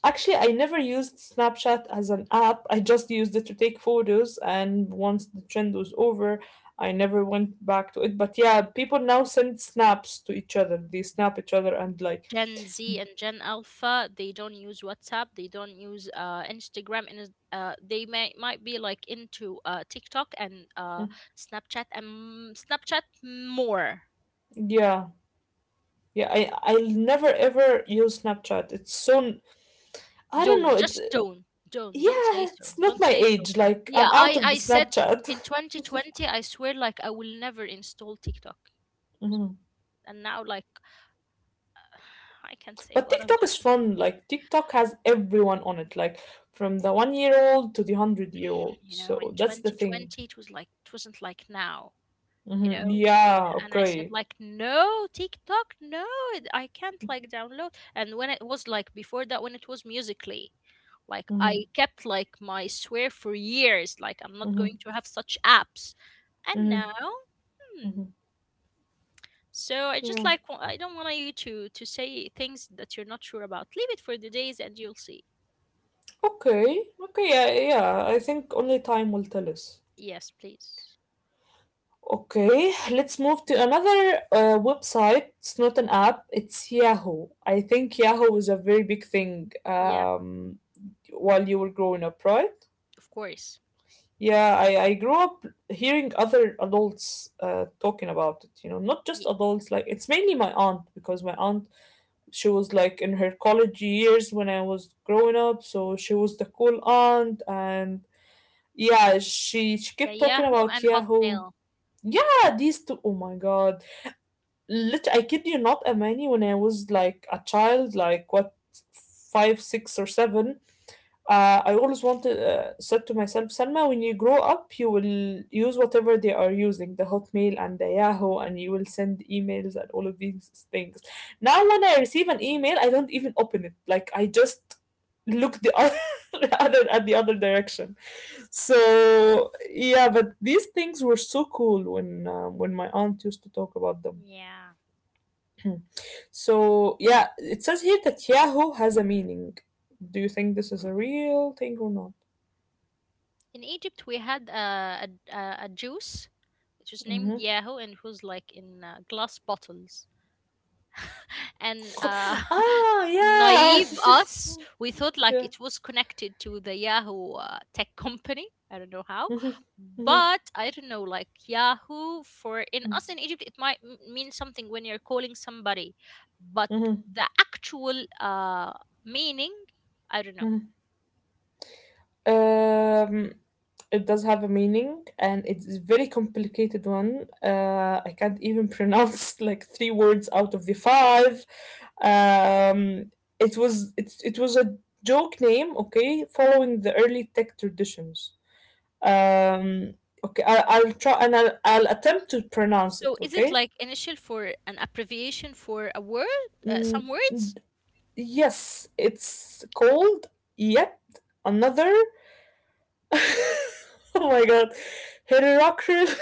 A: Actually, I never used Snapchat as an app. I just used it to take photos, and once the trend was over, I never went back to it. But yeah, people now send snaps to each other. They snap each other and like,
B: Gen Z and Gen Alpha, they don't use WhatsApp, they don't use uh, Instagram, and is- uh, they may might be like into uh, TikTok and uh, Snapchat and Snapchat more.
A: yeah, yeah. I I'll never ever use Snapchat. It's so I don't
B: Don't
A: know. It's
B: just don't don't don't say
A: yeah.
B: so.
A: It's not
B: Don't
A: my
B: say so.
A: age. Like
B: Yeah,
A: I'm out
B: I
A: of the
B: I said
A: Snapchat.
B: in twenty twenty, I swear like I will never install TikTok, and now like I can not say
A: But
B: what I'm
A: TikTok
B: doing.
A: is fun. Like TikTok has everyone on it, like from the one year old to the hundred year old.
B: You know, in
A: So that's the thing.
B: twenty twenty, it was like it wasn't like now. You
A: Hmm.
B: know.
A: Yeah.
B: And I said
A: Okay.
B: like no TikTok. no it- I can't like download, and when it was like before that, when it was musically, like
A: Hmm.
B: I kept like my swear for years, like I'm not going
A: Hmm.
B: to have such apps. And
A: Hmm.
B: now hmm
A: Hmm.
B: so I just
A: Yeah.
B: like wa- I don't want you to to say things that you're not sure about. Leave it for the days and you'll see.
A: Okay. Okay. Yeah. Yeah. I think only time will tell us.
B: Yes, please.
A: Okay, let's move to another uh, website. It's not an app, it's Yahoo. I think Yahoo was a very big thing,
B: Yeah,
A: um, while you were growing up, right?
B: of course.
A: Yeah, I, I grew up hearing other adults uh, talking about it, you know, not just
B: Ye-
A: adults, like it's mainly my aunt because my aunt, she was like in her college years when I was growing up, so she was the cool aunt, and yeah, she she
B: the
A: kept talking
B: Yahoo
A: about
B: and
A: Yahoo.
B: Hotmail.
A: Yeah, these two, oh my God. Lit I kid you not, Amani, when I was like a child, like what, five, six or seven, uh, I always wanted, uh, said to myself, Selma, when you grow up, you will use whatever they are using, the Hotmail and the Yahoo, and you will send emails and all of these things. Now, when I receive an email, I don't even open it. Like I just look the other, other at the other direction. So yeah, but these things were so cool when, uh, when my aunt used to talk about them.
B: Yeah,
A: So yeah, it says here that Yahoo has a meaning. Do you think this is a real thing or not?
B: in Egypt we had a a, a a juice which is named
A: Hmm.
B: Yahoo and who's like in uh, glass bottles. And uh,
A: Oh yeah,
B: naive us, we thought like
A: yeah.
B: it was connected to the Yahoo uh, tech company. I don't know how,
A: Hmm. Hmm.
B: but I don't know, like Yahoo for in us in Egypt it might m- mean something when you're calling somebody, but
A: Hmm.
B: the actual uh, meaning I don't know.
A: Hmm. Um, it does have a meaning, and it's a very complicated one. Uh, I can't even pronounce like three words out of the five. Um, it was, it, it was a joke name, okay, following the early tech traditions. Um, okay, I, I'll try, and I'll, I'll attempt to pronounce it,
B: So is it
A: okay.
B: like initial for an abbreviation for a word, uh,
A: Mm,
B: some words?
A: yes, it's called yet another. Oh my god, heterocrine.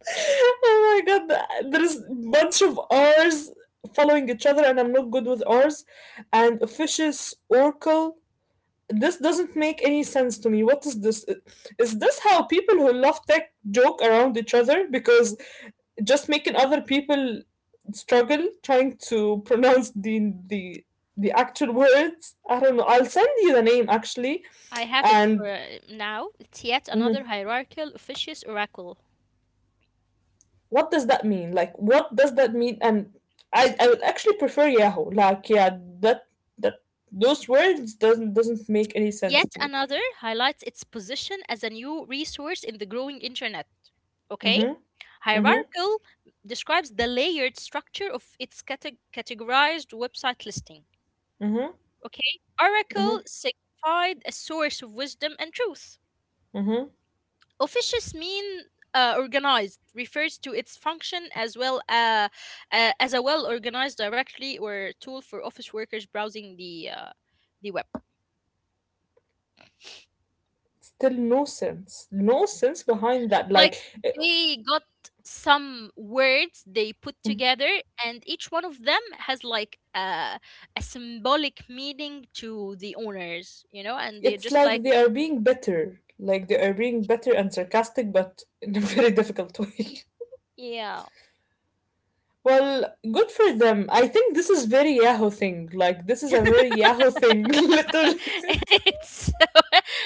A: Oh my god, there's bunch of R's following each other, and I'm not good with R's. And officious oracle. This doesn't make any sense to me. What is this? Is this how people who love tech joke around each other? Because just making other people struggle trying to pronounce the the the actual words. I don't know. I'll send you the name actually.
B: I have it
A: And
B: uh, now. It's yet
A: mhm,
B: another hierarchical officious oracle.
A: what does that mean? Like, what does that mean? And I, I would actually prefer Yahoo. Like, yeah, that that those words doesn't doesn't make any sense
B: Yet
A: to me.
B: another highlights its position as a new resource in the growing internet. Okay?
A: Mhm. Mhm.
B: Hierarchical describes the layered structure of its cate- categorized website listing.
A: Mhm.
B: Okay? Oracle
A: Mhm.
B: signified a source of wisdom and truth.
A: Mhm.
B: Officious mean uh, organized refers to its function as well uh, uh, as a well organized directory or tool for office workers browsing the uh, the web.
A: Still no sense. No sense behind that. Like,
B: Like
A: eh,
B: they got some words they put together, and each one of them has like a, a symbolic meaning to the owners, you know, and they're
A: it's
B: just like
A: like they are being bitter. Like they are being bitter and sarcastic, but in a very difficult way.
B: yeah.
A: Well, good for them. I think this is very Yahoo thing. Like this is a very Yahoo thing, literally.
B: It's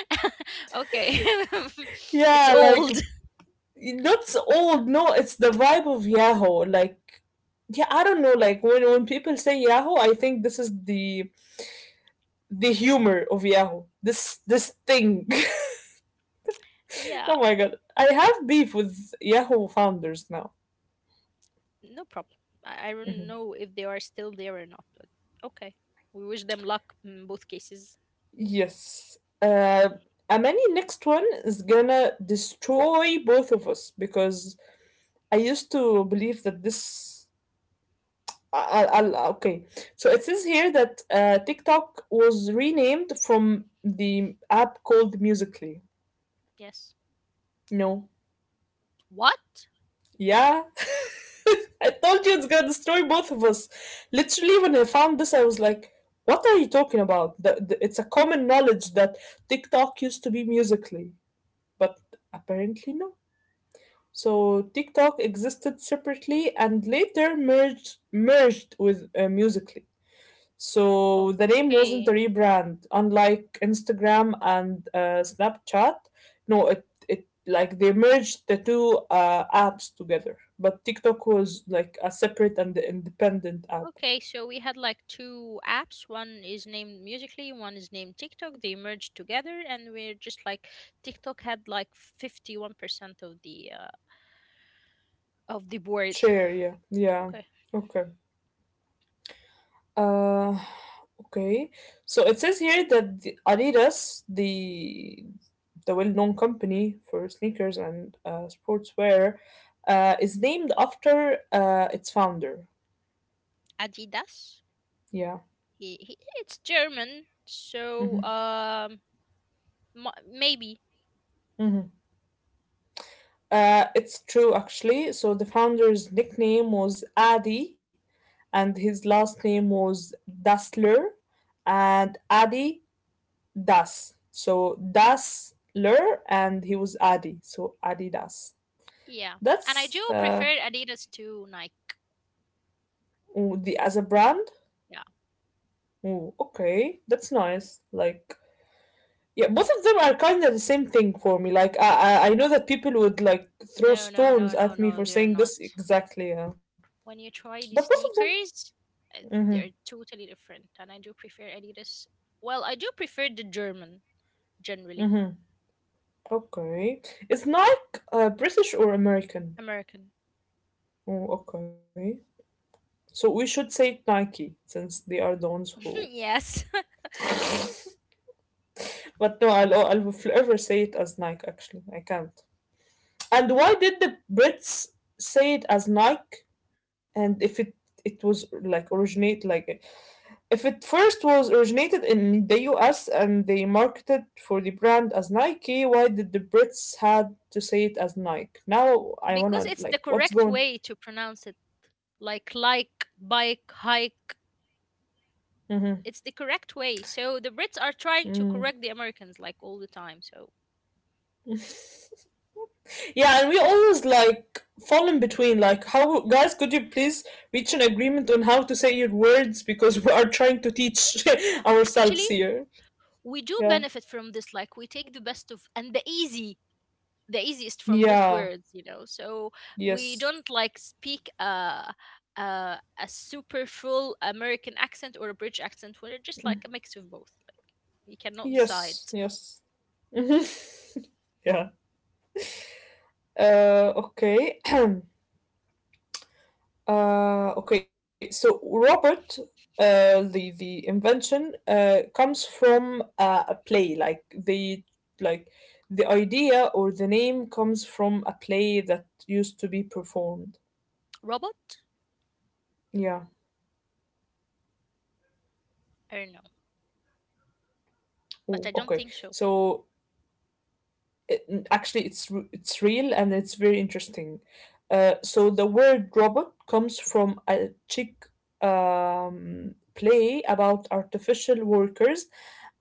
B: okay. It's
A: Yeah, like
B: old.
A: that's old. No, it's the vibe of Yahoo. Like yeah, I don't know. Like when when people say Yahoo, I think this is the the humor of Yahoo. This this thing.
B: Yeah.
A: Oh my god, I have beef with Yahoo founders now.
B: No problem. I, I don't
A: Mm-hmm.
B: know if they are still there or not, but okay. We wish them luck in both cases.
A: Yes. Uh, Amani, next one is gonna destroy both of us because I used to believe that this. I, I'll, I'll- okay, so it says here that, uh, TikTok was renamed from the app called Musically.
B: Yes.
A: No.
B: What?
A: Yeah. I told you it's gonna destroy both of us. Literally, when I found this, I was like, what are you talking about? The, the, it's a common knowledge that TikTok used to be Musically, but apparently, no. So TikTok existed separately and later merged merged with, uh, Musically. So the name wasn't a
B: Okay.
A: rebrand, unlike Instagram and, uh, Snapchat. No, it, it like they merged the two, uh, apps together, but TikTok was like a separate and independent app.
B: Okay, so we had like two apps. One is named Musically, one is named TikTok. They merged together, and we're just like TikTok had like fifty-one percent of the uh, of the board.
A: Share, yeah, yeah,
B: Okay,
A: okay. Uh, okay. So it says here that the Adidas, the the well-known company for sneakers and, uh, sportswear, uh, is named after, uh, its founder.
B: Adidas.
A: Yeah.
B: He, he it's German, so
A: Hmm.
B: um, mo- maybe.
A: Hmm. Uh, it's true actually. So the founder's nickname was Adi, and his last name was Dassler, and Adi Das. So Dassler, and he was Adi. So Adidas.
B: Yeah. And I do
A: That's,
B: prefer
A: uh,
B: Adidas to Nike.
A: ooh, the as a brand.
B: Yeah.
A: Ooh, okay, that's nice. Like, yeah, both of them are kind of the same thing for me. Like, I, I I know that people would like throw
B: No, no,
A: stones
B: no, no,
A: at me for
B: no, they're
A: saying
B: not.
A: this exactly. Yeah,
B: When you try
A: but
B: the
A: both of them.
B: sneakers, it's,
A: Mm-hmm.
B: they're totally different. And I do prefer Adidas. Well, I do prefer the German, generally.
A: Mm-hmm. Okay, is Nike, uh, British or American?
B: American.
A: Oh, okay. So we should say Nike since they are the ones who.
B: Yes.
A: But no, I'll I'll forever say it as Nike. Actually, I can't. And why did the Brits say it as Nike? And if it it was like originate, like if it first was originated in the U S and they marketed for the brand as Nike, why did the Brits had to say it as Nike? Now I
B: Because
A: wanna
B: it's the
A: like what's
B: correct
A: going.
B: way to pronounce it. Like, like, bike, hike. It's the correct way. So the Brits are trying to
A: Hmm.
B: correct the Americans, like, all the time. So
A: Yeah, and we always like fall in between. Like, how guys, could you please reach an agreement on how to say your words because we are trying to teach
B: actually,
A: ourselves here.
B: we do
A: Yeah,
B: benefit from this. Like, we take the best of and the easy, the easiest from both
A: yeah.
B: worlds, you know, so we
A: Yes.
B: don't like speak uh uh, a super full American accent or a British accent, we're just like a mix of both. Like, we cannot decide.
A: Yes. Yes. Mhm. Yeah. Uh, okay. uh, okay. So Robert, uh, the the invention uh, comes from, uh, a play. Like the, like the idea or the name comes from a play that used to be performed.
B: Robot?
A: Yeah.
B: I don't know, but
A: Oh,
B: I don't
A: okay.
B: think so.
A: So it- actually it's r- it's real and it's very interesting. Uh, so the word robot comes from a Czech, um, play about artificial workers,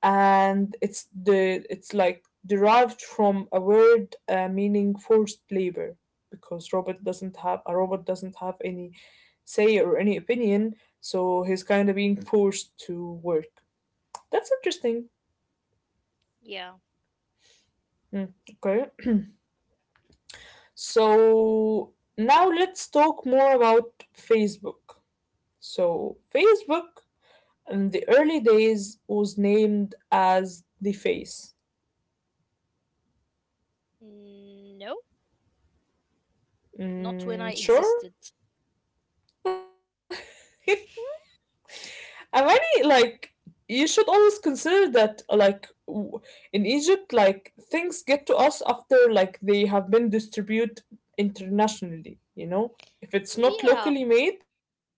A: and it's the it's like derived from a word, uh, meaning forced labor because robot doesn't have a robot doesn't have any say or any opinion, so he's kind of being forced to work. That's interesting.
B: Yeah.
A: Hmm, okay. So now let's talk more about Facebook. So, Facebook in the early days was named as the face.
B: Mm, no, not when I
A: Mm, sure.
B: existed.
A: Amani, like, you should always consider that, like, w- in Egypt, like, things get to us after, like, they have been distributed internationally, you know? If it's
B: Yeah.
A: not locally made,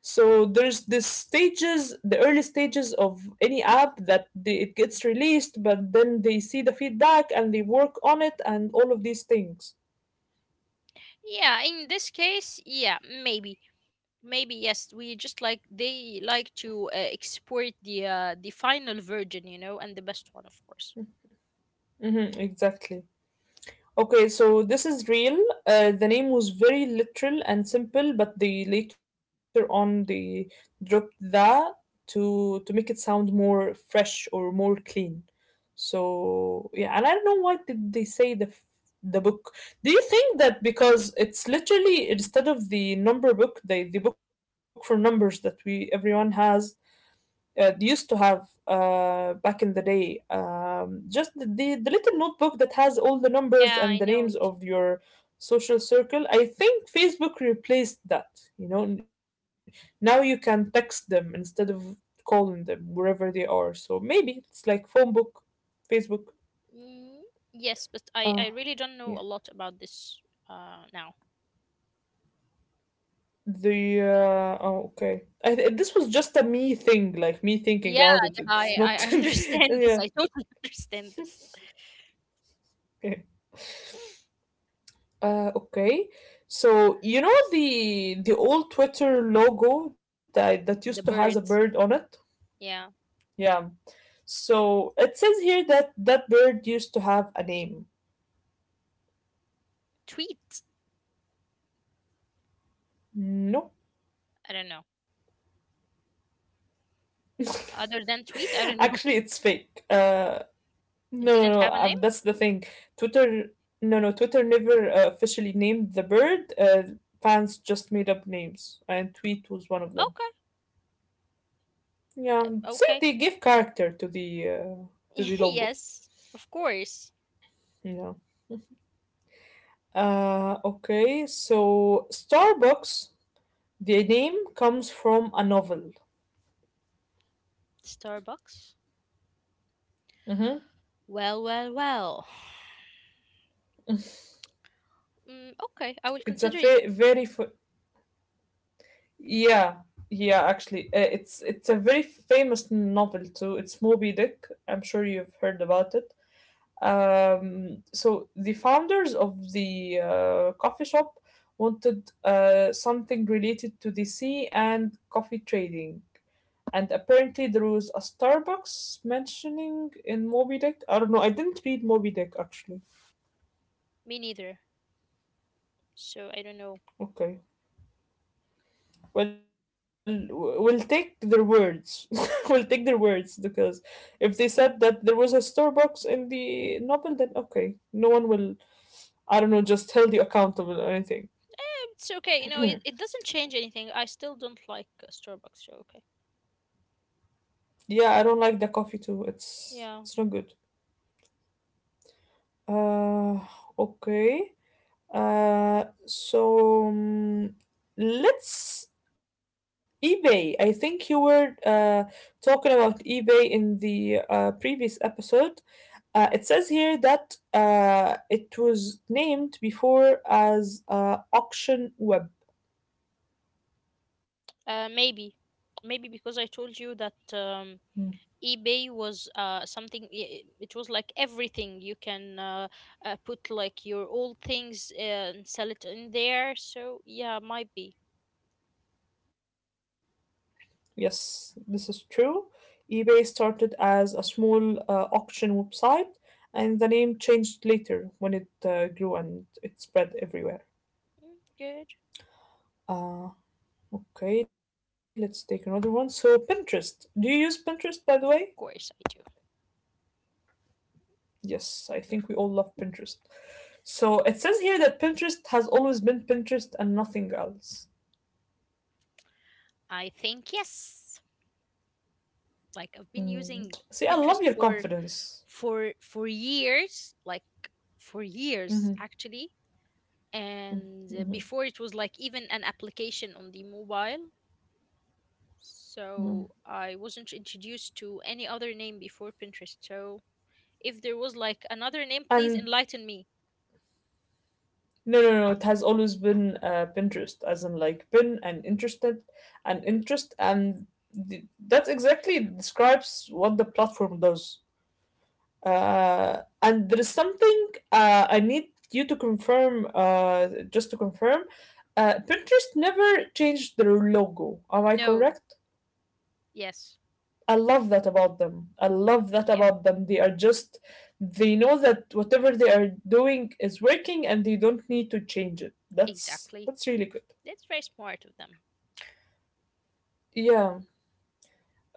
A: so there's the stages the early stages of any app that they, it gets released, but then they see the feedback and they work on it and all of these things.
B: Yeah, in this case, yeah, maybe, maybe yes. We just like they like to uh, export the uh, the final version, you know, and the best one, of course.
A: Hmm, exactly. Okay, so this is real. Uh, the name was very literal and simple, but they later on they dropped that to to make it sound more fresh or more clean. So yeah, and I don't know why did they say the f- the book. Do you think that because it's literally instead of the number book, the the book for numbers that we everyone has, uh, used to have, uh, back in the day. Um, just the, the the little notebook that has all the numbers
B: Yeah,
A: and the
B: I
A: names
B: know. it-
A: of your social circle. I think Facebook replaced that. You know, N- now you can text them instead of calling them wherever they are. So maybe it's like phone book, Facebook.
B: Mm, yes, but I
A: Uh,
B: I really don't
A: yeah.
B: know a lot about this uh now.
A: The uh, oh, okay. I, th- this was just a me thing, like me
B: Yeah,
A: thinking about it.
B: yeah, I
A: It's
B: I I
A: not.
B: understand this. I
A: Yeah.
B: totally understand this.
A: Okay. Uh, okay. So you know the the old Twitter logo that that used to
B: The
A: has a bird on
B: birds.
A: it?
B: Yeah,
A: Yeah. So it says here that that bird used to have a name.
B: tweet.
A: No.
B: I don't know. Other than tweet,
A: Actually,
B: I don't
A: it's
B: know.
A: fake. Uh, no, no,
B: It
A: no.
B: didn't
A: Um,
B: have a
A: that's
B: name.
A: the thing. Twitter, no, no. Twitter never, uh, officially named the bird. Uh, fans just made up names, and tweet was one of them.
B: Okay,
A: Yeah. See,
B: okay.
A: they gave character to the uh, to the logo.
B: Yes, of course.
A: Yeah. Uh, okay, so Starbucks, the name comes from a novel.
B: Starbucks.
A: Hmm.
B: Well, well, well. Mm, okay, I will
A: It's a
B: consider it.
A: fa- very fa- yeah, yeah, actually uh, it's it's a very famous novel too. It's Moby Dick. I'm sure you've heard about it. Um, so the founders of the uh, coffee shop wanted uh, something related to the sea and coffee trading. And apparently there was a Starbucks mentioning in Moby Dick. I don't know. I didn't read Moby Dick actually.
B: Me neither. So I don't know.
A: Okay. Well, w- we'll take their words. We'll take their words because if they said that there was a Starbucks in the novel, then okay, no one will. I don't know. Just held you accountable or anything.
B: It's okay. You know, it, it doesn't change anything. I still don't like uh, Starbucks. So okay.
A: Yeah, I don't like the coffee too. It's
B: Yeah.
A: it's not good. Uh, okay. Uh, so um, let's eBay. I think you were uh, talking about eBay in the uh, previous episode. Uh, it says here that uh, it was named before as uh, Auction Web.
B: Uh, maybe, maybe because I told you that
A: Hmm.
B: um, eBay was uh something. i- i- It was like everything. You can uh, uh put like your old things uh, and sell it in there. So yeah, might be.
A: Yes, this is true. eBay started as a small uh, auction website, and the name changed later when it uh, grew and it spread everywhere.
B: Mm, good.
A: Uh, Okay, let's take another one. So, Pinterest. Do you use Pinterest, by the
B: Of
A: way?
B: course I do.
A: Yes, I think we all love Pinterest. So, it says here that Pinterest has always been Pinterest and nothing else.
B: I think yes. Like I've been
A: Mm.
B: using
A: See, I love
B: Pinterest
A: your
B: for
A: confidence.
B: for for years, like for years
A: Hmm.
B: actually, and uh, before it was like even an application on the mobile, so I wasn't introduced to any other name before Pinterest. So if there was like another name, please
A: And
B: enlighten me.
A: no, no, no, it has always been uh, Pinterest, as in like pin and interested and interest. And th- that exactly describes what the platform does. Uh, and there is something uh, I need you to confirm, uh, just to confirm. Uh, Pinterest never changed their logo. Am I
B: No.
A: correct?
B: Yes.
A: I love that about them. I love that
B: Yeah,
A: about them. They are just, they know that whatever they are doing is working and they don't need to change it. That's
B: exactly.
A: that's really good.
B: That's very smart of them.
A: Yeah.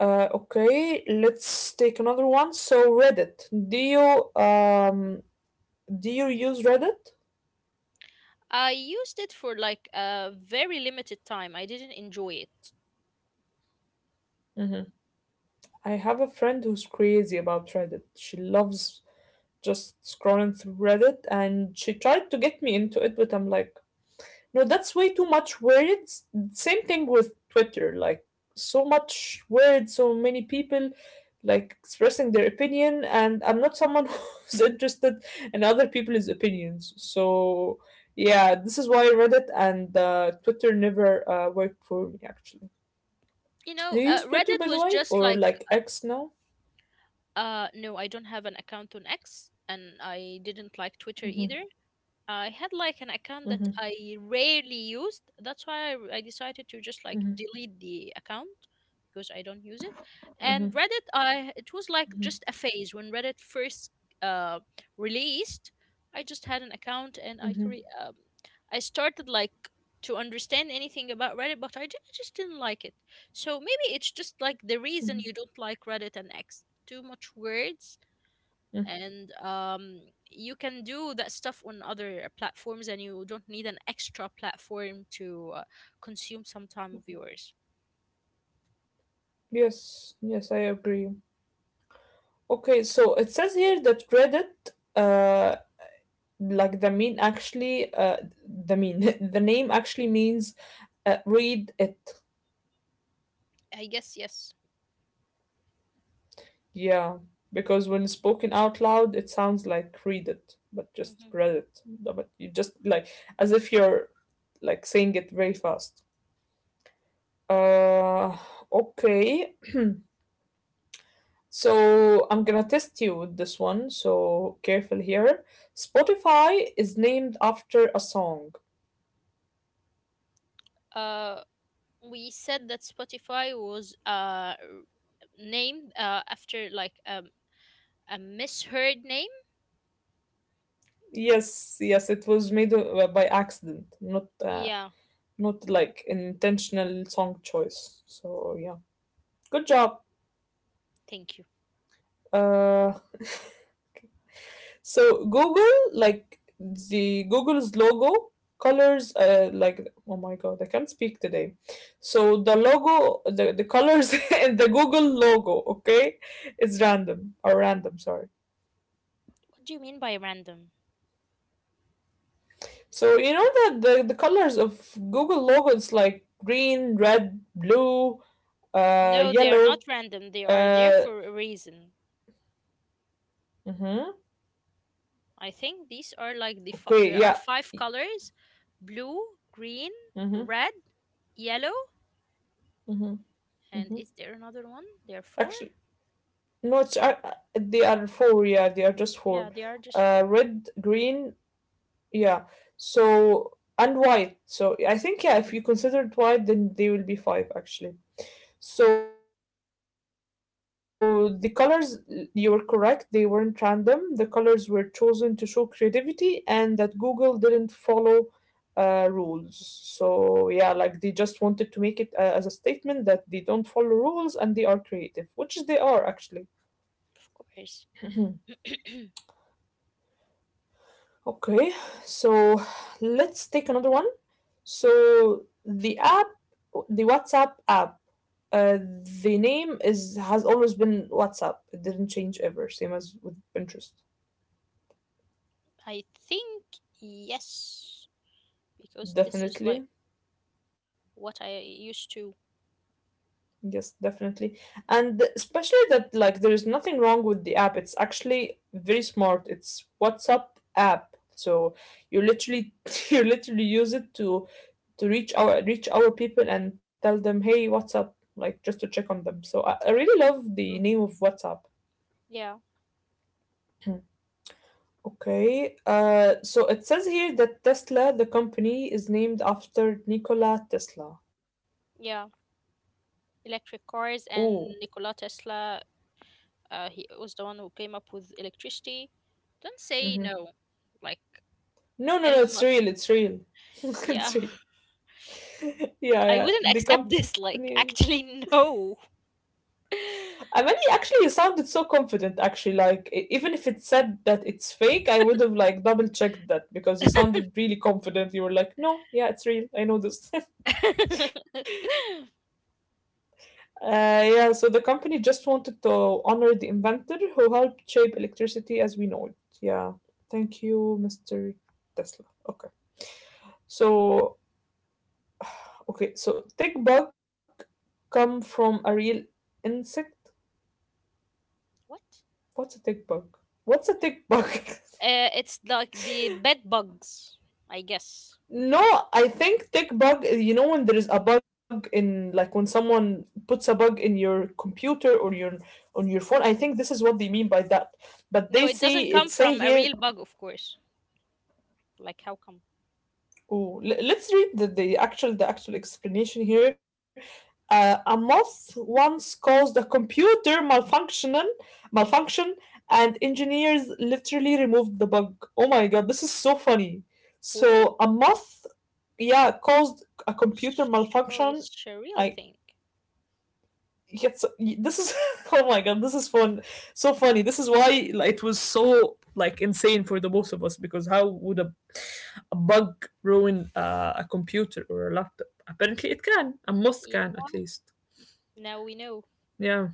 A: Uh, okay, let's take another one. So Reddit. Do you um do you use Reddit?
B: I used it for like a very limited time. I didn't enjoy it.
A: Mm-hmm. I have a friend who's crazy about Reddit. She loves just scrolling through Reddit and she tried to get me into it, but I'm like, no, that's way too much words. Same thing with Twitter, like so much words, so many people like expressing their opinion and I'm not someone who's interested in other people's opinions. So yeah, this is why Reddit and uh, Twitter never uh, worked for me actually.
B: You
A: Do
B: know,
A: you
B: uh,
A: use Twitter
B: Reddit
A: by the
B: was
A: way
B: just
A: or
B: like
A: like X now?
B: Uh, no, I don't have an account on X, and I didn't like Twitter either. I had like an account that
A: Hmm.
B: I rarely used. That's why I, I decided to just like
A: Mhm,
B: delete the account because I don't use it. And
A: mhm,
B: Reddit, I it was like
A: mhm,
B: just a phase when Reddit first uh, released. I just had an account and I
A: mhm,
B: cre- um, I started like to understand anything about Reddit, but I ju- I just didn't like it. So maybe it's just like the reason
A: mhm,
B: you don't like Reddit and X. Too much words,
A: mhm.
B: and um, you can do that stuff on other platforms, and you don't need an extra platform to uh, consume some time of yours.
A: Yes, yes, I agree. Okay, so it says here that credit, uh, like the mean actually, uh, the mean, the name actually means uh, read it.
B: I guess yes.
A: Yeah, because when spoken out loud, it sounds like read it, but just
B: hmm
A: read it. No, but you just like as if you're like saying it very fast. Uh, okay. So I'm gonna test you with this one, so careful here. Spotify is named after a song.
B: Uh, we said that Spotify was uh named uh after like um a misheard name.
A: Yes, yes, it was made uh, by accident, not uh,
B: Yeah,
A: not like intentional song choice. So yeah, good job.
B: thank you.
A: Uh, So Google, like the Google's logo colors uh like oh my god, I can't speak today, so the logo, the, the colors in the Google logo, okay, it's random. Or random, sorry.
B: What do you mean by random?
A: So you know that the, the colors of Google logo is like green, red, blue, uh
B: No, they are
A: yellow.
B: not random. They are there
A: uh
B: for a reason.
A: mm-hmm.
B: I think these are like the fi-
A: Okay,
B: there are
A: yeah.
B: five colors: blue, green,
A: Mm-hmm,
B: red, yellow,
A: mm-hmm,
B: and
A: mm-hmm.
B: is there another one? There are four.
A: Actually, no, it's uh, uh, they are four. Yeah, they are just
B: Yeah,
A: four.
B: they are just
A: Uh,
B: four,
A: red, green. Yeah. So and white. So I think yeah, if you consider it white, then they will be five actually. So the colors, you were correct. They weren't random. The colors were chosen to show creativity and that Google didn't follow uh, rules. So yeah, like they just wanted to make it uh, as a statement that they don't follow rules and they are creative, which is they are actually.
B: of course.
A: Okay, so let's take another one. So the app, the WhatsApp app, uh, the name is has always been WhatsApp. It didn't change ever, same as with Pinterest.
B: I think yes, because this is like
A: Definitely,
B: what I used to.
A: yes, definitely, and especially that like there is nothing wrong with the app. It's actually very smart. It's WhatsApp app, so you literally you literally use it to to reach our reach our people and tell them, "Hey, what's up?" Like just to check on them. So I, I really love the
B: Mm.
A: name of WhatsApp.
B: Yeah,
A: Okay. Uh, so it says here that Tesla, the company, is named after Nikola Tesla.
B: yeah. Electric cars
A: Oh,
B: and Nikola Tesla, uh, he was the one who came up with electricity. Don't
A: ooh.
B: say
A: Hmm.
B: no. Like
A: No, no, no.
B: Elon
A: It's
B: Musk.
A: real. It's real. It's
B: Yeah.
A: real. Yeah,
B: I
A: yeah.
B: wouldn't
A: The
B: accept this.
A: company.
B: Like, actually, no.
A: I mean, he actually sounded so confident. Actually, like e- even if it said that it's fake, I would have like double checked that because you sounded really confident. You were like, "No, yeah, it's real. I know this." Uh, yeah, so the company just wanted to honor the inventor who helped shape electricity as we know it. Yeah, thank you, mister Tesla. Okay, so okay, so tick bug come from a real insect.
B: What?
A: What's a tick bug? What's a tick bug?
B: Uh, it's like the bed bugs, I guess.
A: No, I think tick bug. You know when there is a bug in like when someone puts a bug in your computer or your on your phone. I think this is what they mean by that, but they
B: No, it
A: say
B: doesn't
A: it
B: come
A: say
B: from a
A: here.
B: real bug, of course. Like, how come?
A: Oh, le- let's read the, the actual the actual explanation here. Uh, a moth once caused a computer malfunctioning malfunction, and engineers literally removed the bug. Oh my god, this is so funny.
B: Oh,
A: So a moth, yeah, caused a computer
B: so it's
A: malfunction.
B: a
A: I
B: real thing.
A: yes, this is oh my god, this is fun, so funny. This is why like, it was so like insane for the both of us because how would a a bug ruin uh, a computer or a laptop? Apparently, it can, and moth
B: Y-
A: can at least.
B: now we know.
A: Yeah,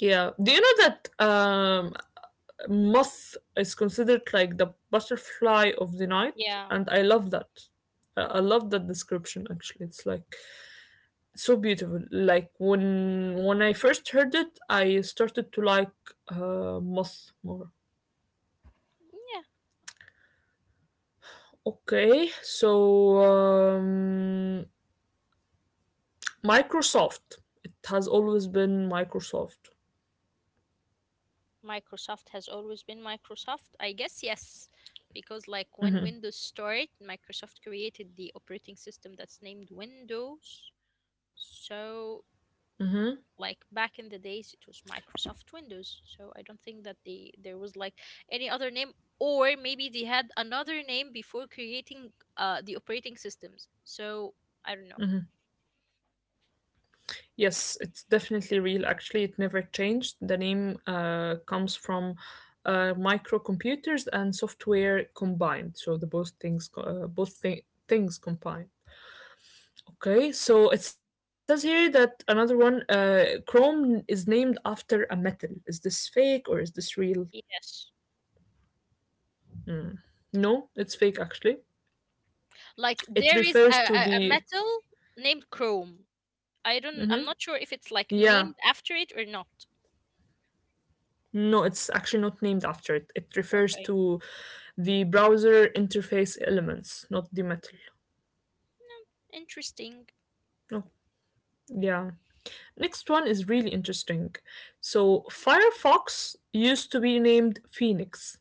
A: yeah. Do you know that um, moth is considered like the butterfly of the night,
B: Yeah.
A: and I love that. I I love that description actually. It's like so beautiful. Like when when I first heard it, I started to like uh, moth more.
B: Yeah,
A: Okay, so um, Microsoft. It has always been Microsoft.
B: Microsoft has always been Microsoft. I guess yes, because like when Windows started, Microsoft created the operating system that's named Windows. So like back in the days it was Microsoft Windows. So I don't think that they there was like any other name, or maybe they had another name before creating uh the operating systems. So I don't know.
A: Yes, it's definitely real. Actually, it never changed. The name uh, comes from uh, microcomputers and software combined. So the both things, co- uh, both th- things combined. Okay, so it says here that another one, uh, Chrome is named after a metal. Is this fake or is this real?
B: Yes.
A: No, it's fake actually.
B: Like
A: It
B: there is a,
A: refers to
B: a, a
A: the,
B: metal named Chrome. I don't, I'm not sure if
A: yeah,
B: it's like named after it or not.
A: no, it's actually not named after it. It refers
B: Okay.
A: to the browser interface elements, not the metal.
B: No, interesting.
A: No, yeah. Next one is really interesting. So, Firefox used to be named Phoenix.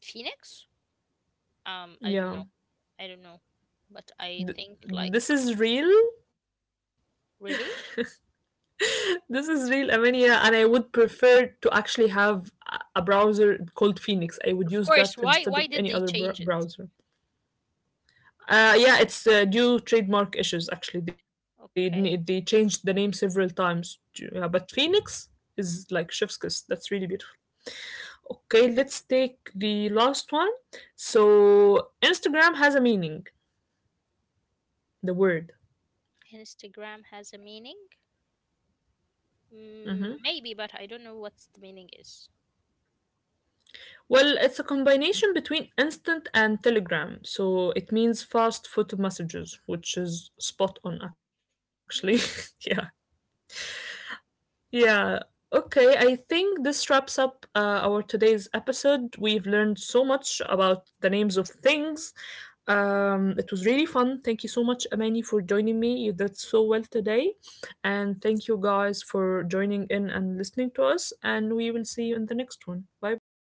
B: Phoenix? Um, I don't
A: Yeah.
B: know. I don't know. But I
A: Th-
B: think like
A: this is real.
B: really?
A: This is real, Amenia, and I would prefer to actually have a a browser called Phoenix. I would use
B: Of
A: that
B: course,
A: instead of
B: why
A: any
B: why did
A: other
B: they
A: br-
B: change it?
A: browser. Uh, yeah, it's uh, due trademark issues. Actually, they n- they
B: Okay.
A: changed the name several times. Yeah, but Phoenix is like chef's kiss. That's really beautiful. Okay, let's take the last one. So Instagram has a meaning. The word.
B: Instagram has a meaning?
A: Mhm.
B: Mm, maybe, but I don't know what's the meaning is.
A: Well, it's a combination between instant and telegram. So it means fast photo messages, which is spot on actually. Yeah.
B: Hmm,
A: Yeah. Okay, I think this wraps up uh, our today's episode. We've learned so much about the names of things. Um, it was really fun. Thank you so much, Amani, for joining me. You did so well today. And thank you guys for joining in and listening to us. And we will see you in the next one. Bye bye.